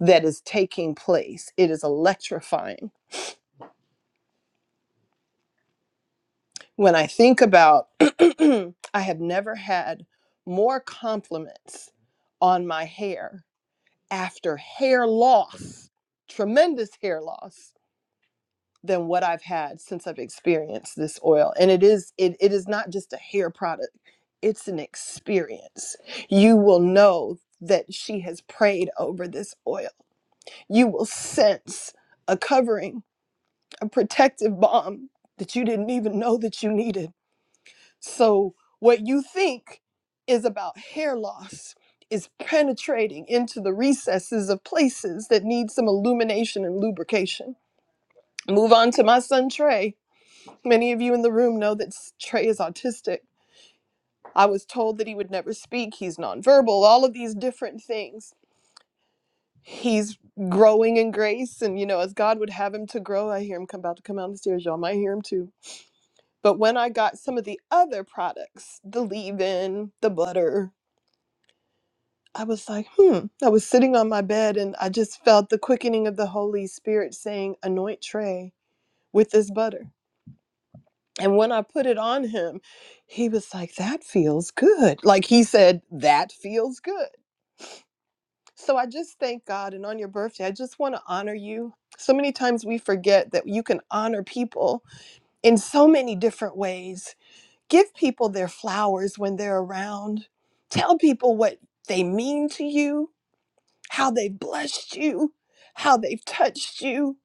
[SPEAKER 5] that is taking place. It is electrifying When I think about, I have never had more compliments on my hair after hair loss, tremendous hair loss, than what I've had since I've experienced this oil. And it is it, it is not just a hair product, it's an experience. You will know that she has prayed over this oil. You will sense a covering, a protective bomb that you didn't even know that you needed So, what you think is about hair loss is penetrating into the recesses of places that need some illumination and lubrication. Move on to my son Trey. Many of you in the room know that s- Trey is autistic. I was told that he would never speak, he's nonverbal, all of these different things. He's growing in grace, and you know, as God would have him to grow, I hear him come about to come down the stairs. Y'all might hear him too. But when I got some of the other products, the leave in, the butter, I was like, hmm. I was sitting on my bed and I just felt the quickening of the Holy Spirit saying, anoint Trey with this butter. And when I put it on him, he was like, that feels good. Like he said, that feels good. So I just thank God. And on your birthday, I just want to honor you. So many times we forget that you can honor people in so many different ways. Give people their flowers when they're around, tell people what they mean to you how they've blessed you, how they've touched you,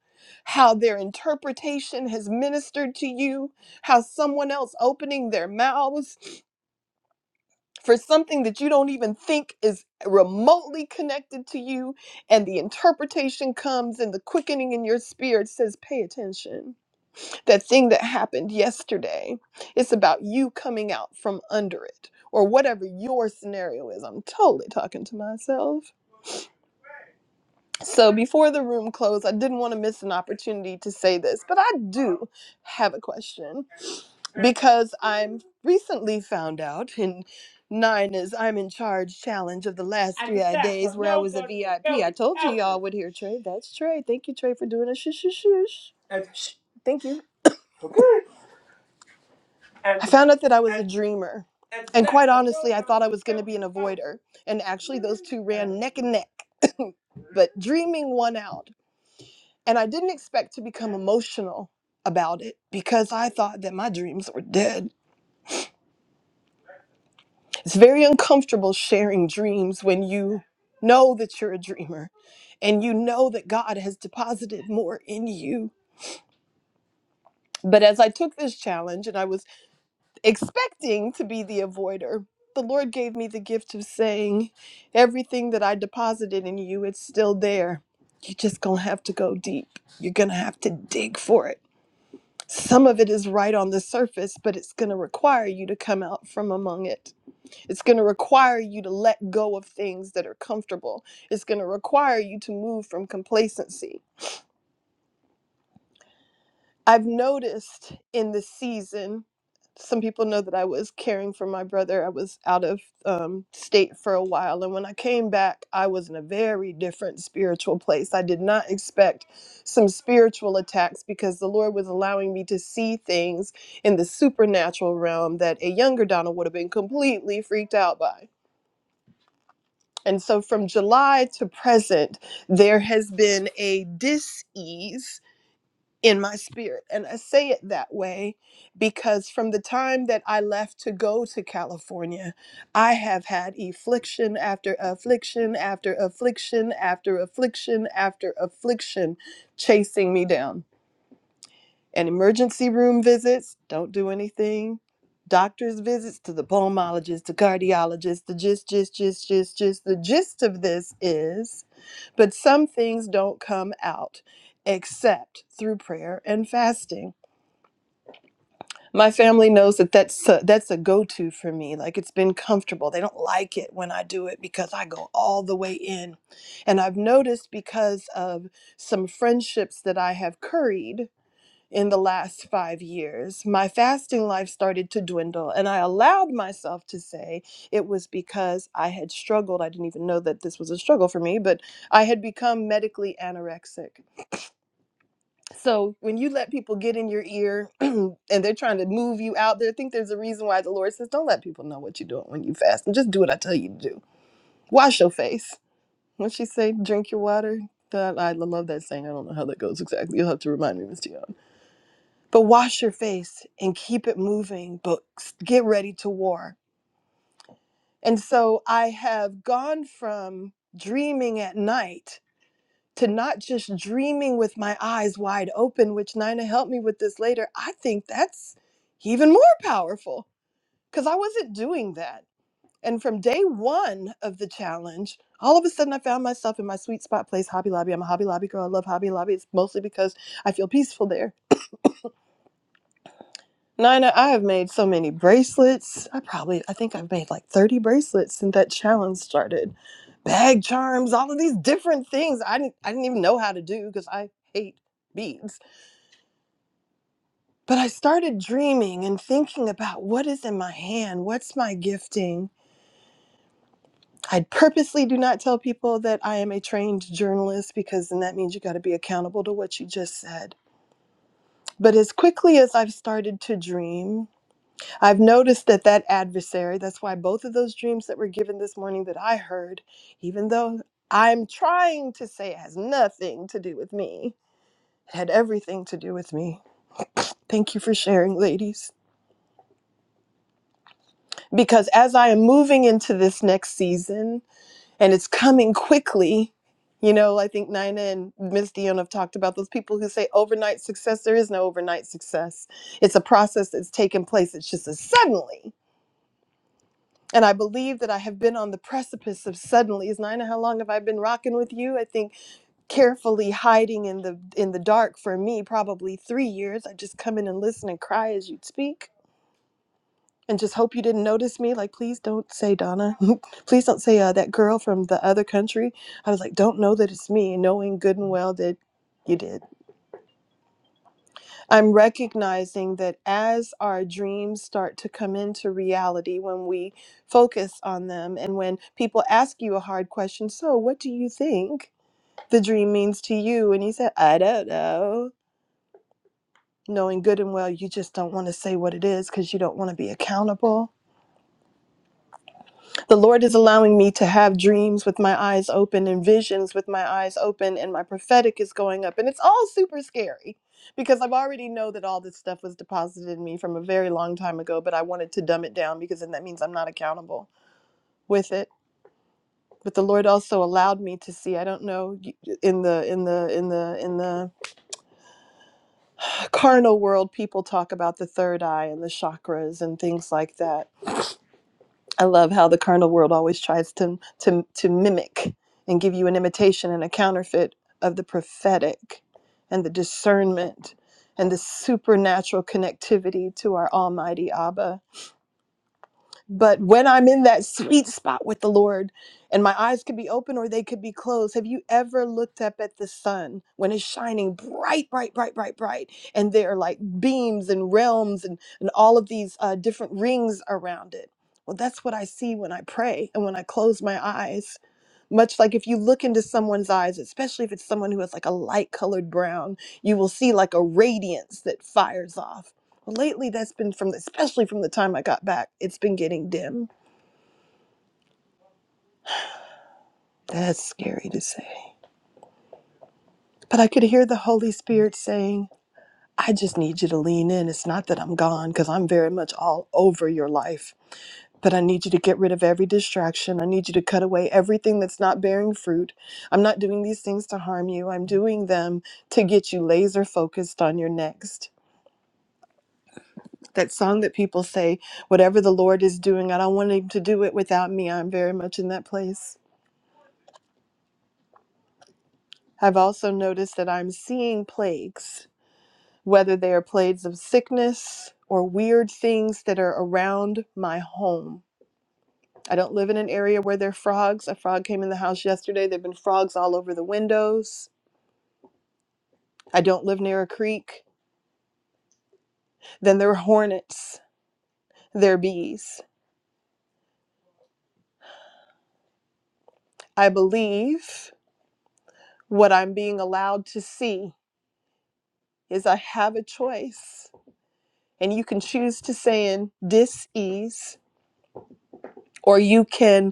[SPEAKER 5] how their interpretation has ministered to you, how someone else opening their mouths for something that you don't even think is remotely connected to you, and the interpretation comes and the quickening in your spirit says, Pay attention. That thing that happened yesterday, it's about you coming out from under it, or whatever your scenario is. I'm totally talking to myself So before the room closed, I didn't want to miss an opportunity to say this, but I do have a question because I'm recently found out in nine I'm in charge challenge of the last three days where I was a VIP. I P. I told you y'all would hear Trey. That's Trey. Thank you, Trey, for doing a shush shush shush. Shh. Thank you. I found out that I was a dreamer. And quite honestly, I thought I was going to be an avoider. And actually, those two ran neck and neck. but dreaming won out. And I didn't expect to become emotional about it because I thought that my dreams were dead. It's very uncomfortable sharing dreams when you know that you're a dreamer and you know that God has deposited more in you. But as I took this challenge and I was expecting to be the avoider, the Lord gave me the gift of saying, Everything that I deposited in you, it's still there. You're just gonna have to go deep. You're gonna have to dig for it Some of it is right on the surface, but it's going to require you to come out from among it. It's going to require you to let go of things that are comfortable. It's going to require you to move from complacency. I've noticed in this season, some people know that I was caring for my brother. I was out of um, state for a while. And when I came back, I was in a very different spiritual place. I did not expect some spiritual attacks because the Lord was allowing me to see things in the supernatural realm that a younger Donna would have been completely freaked out by. And so from July to present, there has been a dis ease in my spirit. And I say it that way because from the time that I left to go to California, I have had affliction after affliction after affliction after affliction after affliction chasing me down and emergency room visits don't do anything doctor's visits to the pulmonologist to cardiologist the gist gist gist gist gist the gist of this is but some things don't come out except through prayer and fasting my family knows that that's a, that's a go-to for me like it's been comfortable they don't like it when i do it because i go all the way in and i've noticed because of some friendships that i have curried in the last five years. My fasting life started to dwindle, and I allowed myself to say it was because I had struggled. I didn't even know that this was a struggle for me, but I had become medically anorexic. So when you let people get in your ear and they're trying to move you out there, I think there's a reason why the Lord says, Don't let people know what you're doing when you fast and just do what I tell you to do. Wash your face. When she say drink your water, that I love that saying. I don't know how that goes exactly. You'll have to remind me, Miss T. R but wash your face and keep it moving, but get ready to war. And so I have gone from dreaming at night to not just dreaming with my eyes wide open, which Nina helped me with this later. I think that's even more powerful because I wasn't doing that. And from day one of the challenge, all of a sudden I found myself in my sweet spot place, Hobby Lobby. I'm a Hobby Lobby girl. I love Hobby Lobby. It's mostly because I feel peaceful there Nina, I have made so many bracelets. I probably, I think I've made like 30 bracelets since that challenge started. Bag charms, all of these different things I didn't, I didn't even know how to do because I hate beads. But I started dreaming and thinking about what is in my hand, what's my gifting. I purposely do not tell people that I am a trained journalist because then that means you got to be accountable to what you just said. But as quickly as I've started to dream, I've noticed that that adversary, that's why both of those dreams that were given this morning that I heard, even though I'm trying to say it has nothing to do with me, it had everything to do with me. Thank you for sharing, ladies. Because as I am moving into this next season, and it's coming quickly, you know, I think Nina and Miss Dion have talked about those people who say overnight success. There is no overnight success. It's a process that's taken place. It's just a suddenly. And I believe that I have been on the precipice of suddenly. Is Nina, how long have I been rocking with you? I think carefully hiding in the in the dark for me, probably three years. I just come in and listen and cry as you'd speak. And just hope you didn't notice me. Like, please don't say Donna. please don't say uh, that girl from the other country. I was like, don't know that it's me, knowing good and well that you did. I'm recognizing that as our dreams start to come into reality, when we focus on them, and when people ask you a hard question, so what do you think the dream means to you? And you said, I don't know. Knowing good and well, you just don't want to say what it is because you don't want to be accountable. The Lord is allowing me to have dreams with my eyes open and visions with my eyes open, and my prophetic is going up. And it's all super scary because I've already know that all this stuff was deposited in me from a very long time ago, but I wanted to dumb it down because then that means I'm not accountable with it. But the Lord also allowed me to see. I don't know in the in the in the in the carnal world, people talk about the third eye and the chakras and things like that I love how the carnal world always tries to to to mimic and give you an imitation and a counterfeit of the prophetic and the discernment and the supernatural connectivity to our almighty Abba but when I'm in that sweet spot with the Lord and my eyes could be open or they could be closed, have you ever looked up at the sun when it's shining bright, bright, bright, bright, bright? And there are like beams and realms and, and all of these uh, different rings around it. Well, that's what I see when I pray and when I close my eyes. Much like if you look into someone's eyes, especially if it's someone who has like a light colored brown, you will see like a radiance that fires off well, lately, that's been from, especially from the time I got back, it's been getting dim. That's scary to say. But I could hear the Holy Spirit saying, I just need you to lean in. It's not that I'm gone, because I'm very much all over your life. But I need you to get rid of every distraction. I need you to cut away everything that's not bearing fruit. I'm not doing these things to harm you. I'm doing them to get you laser focused on your next. That song that people say, whatever the Lord is doing, I don't want him to do it without me. I'm very much in that place. I've also noticed that I'm seeing plagues, whether they are plagues of sickness or weird things that are around my home. I don't live in an area where there are frogs. A frog came in the house yesterday. There have been frogs all over the windows. I don't live near a creek. Then there are hornets. There are bees. I believe what I'm being allowed to see is I have a choice. And you can choose to say in dis ease, or you can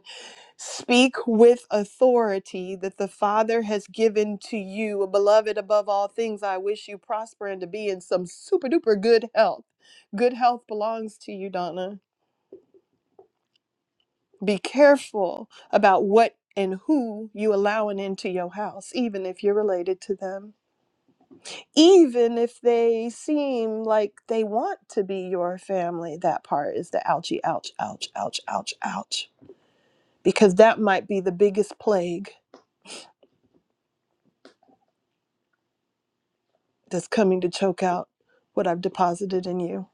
[SPEAKER 5] Speak with authority that the Father has given to you. Beloved, above all things, I wish you prosper and to be in some super duper good health. Good health belongs to you, Donna. Be careful about what and who you allowing into your house, even if you're related to them. Even if they seem like they want to be your family, that part is the ouchie, ouch, ouch, ouch, ouch, ouch. Because that might be the biggest plague that's coming to choke out what I've deposited in you.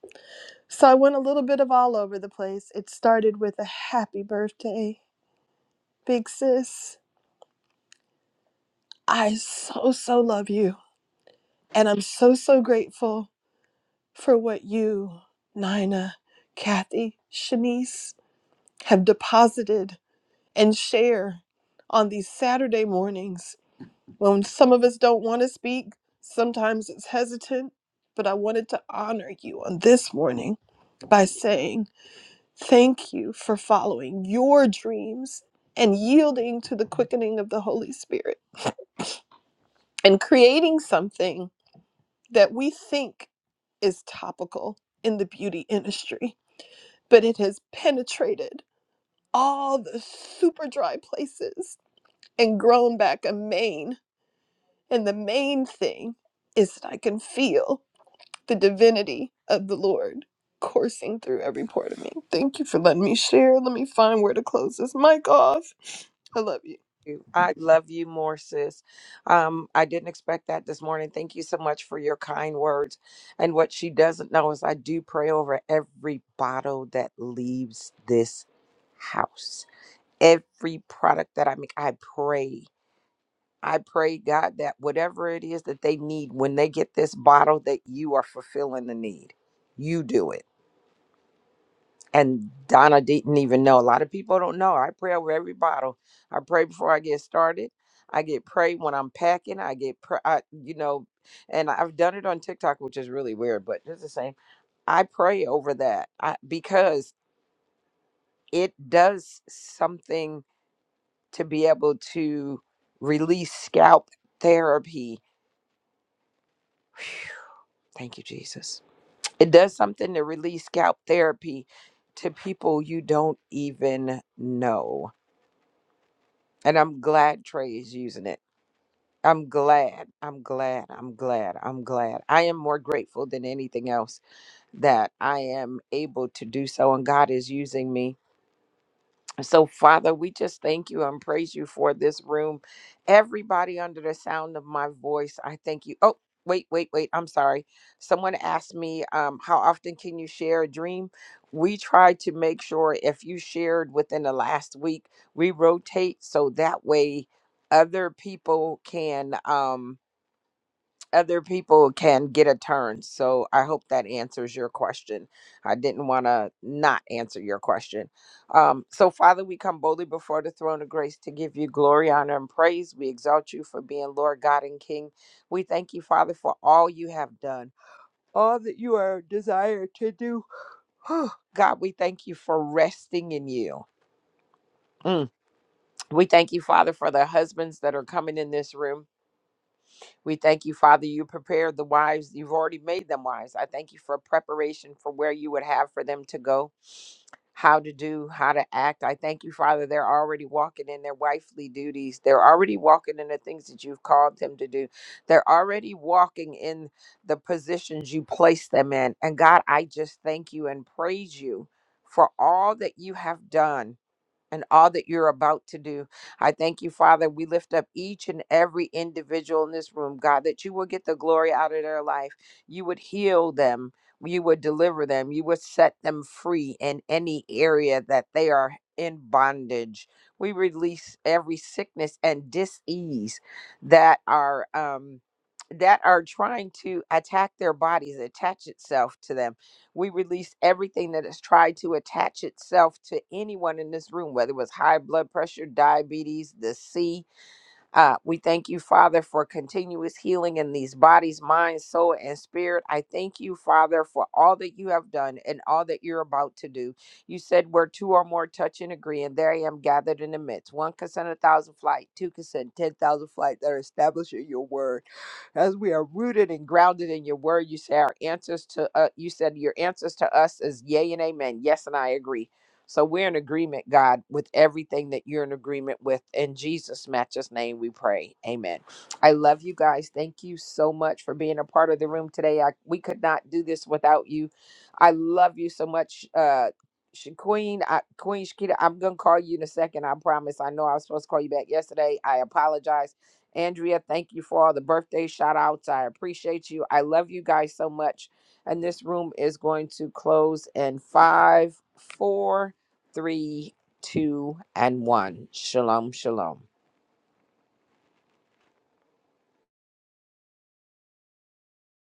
[SPEAKER 5] So I went a little bit of all over the place. It started with a happy birthday, big sis. I so, so love you. And I'm so, so grateful for what you, Nina, Kathy, Shanice have deposited and share on these Saturday mornings when some of us don't want to speak. Sometimes it's hesitant, but I wanted to honor you on this morning by saying, Thank you for following your dreams and yielding to the quickening of the Holy Spirit and creating something that we think is topical in the beauty industry, but it has penetrated all the super dry places and grown back a mane. And the main thing is that I can feel the divinity of the Lord coursing through every part of me. Thank you for letting me share. Let me find where to close this mic off. I love you.
[SPEAKER 1] you. I love you more, sis. Um, I didn't expect that this morning. Thank you so much for your kind words. And what she doesn't know is I do pray over every bottle that leaves this house, every product that I make. I pray. I pray, God, that whatever it is that they need, when they get this bottle, that you are fulfilling the need. You do it and Donna didn't even know. A lot of people don't know. I pray over every bottle. I pray before I get started. I get prayed when I'm packing. I get, pr- I, you know, and I've done it on TikTok, which is really weird, but it's the same. I pray over that I, because it does something to be able to release scalp therapy. Thank you, Jesus. It does something to release scalp therapy to people you don't even know And I'm glad Trey is using it. I'm glad. I'm glad. I'm glad. I'm glad. I am more grateful than anything else that I am able to do so. And God is using me so, Father, we just thank you and praise you for this room. Everybody under the sound of my voice, I thank you. Oh, wait, wait, wait. I'm sorry. Someone asked me, um, how often can you share a dream? We try to make sure if you shared within the last week, we rotate so that way other people can. Um, other people can get a turn. So I hope that answers your question. I didn't want to not answer your question. Um, so, Father, we come boldly before the throne of grace to give you glory, honor, and praise. We exalt you for being Lord, God, and King. We thank you, Father, for all you have done, all that you are desired to do. God, we thank you for resting in you. Mm. We thank you, Father, for the husbands that are coming in this room. We thank you, Father, you prepared the wives. You've already made them wise. I thank you for preparation for where you would have for them to go, how to do, how to act. I thank you, Father, they're already walking in their wifely duties. They're already walking in the things that you've called them to do. They're already walking in the positions you placed them in. And God, I just thank you and praise you for all that you have done and all that you're about to do. I thank you, Father. We lift up each and every individual in this room, God, that you will get the glory out of their life. You would heal them. You would deliver them. You would set them free in any area that they are in bondage. We release every sickness and disease that are um that are trying to attack their bodies, attach itself to them. We release everything that has tried to attach itself to anyone in this room, whether it was high blood pressure, diabetes, the C. Uh, we thank you, Father, for continuous healing in these bodies, mind, soul, and spirit. I thank you, Father, for all that you have done and all that you're about to do. You said where two or more touch and agree, and there I am gathered in the midst. One consent, a thousand flight, two consent, ten thousand flight that are establishing your word as we are rooted and grounded in your word. You say our answers to uh, you said your answers to us is yay and amen. Yes, and I agree. So we're in agreement, God, with everything that you're in agreement with. In Jesus' matchless name, we pray. Amen. I love you guys. Thank you so much for being a part of the room today. I, we could not do this without you. I love you so much, uh, Sh- Queen, I, Queen Shakita, I'm gonna call you in a second. I promise. I know I was supposed to call you back yesterday. I apologize. Andrea, thank you for all the birthday shout outs. I appreciate you. I love you guys so much. And this room is going to close in five, four, three, two, and one. Shalom, shalom.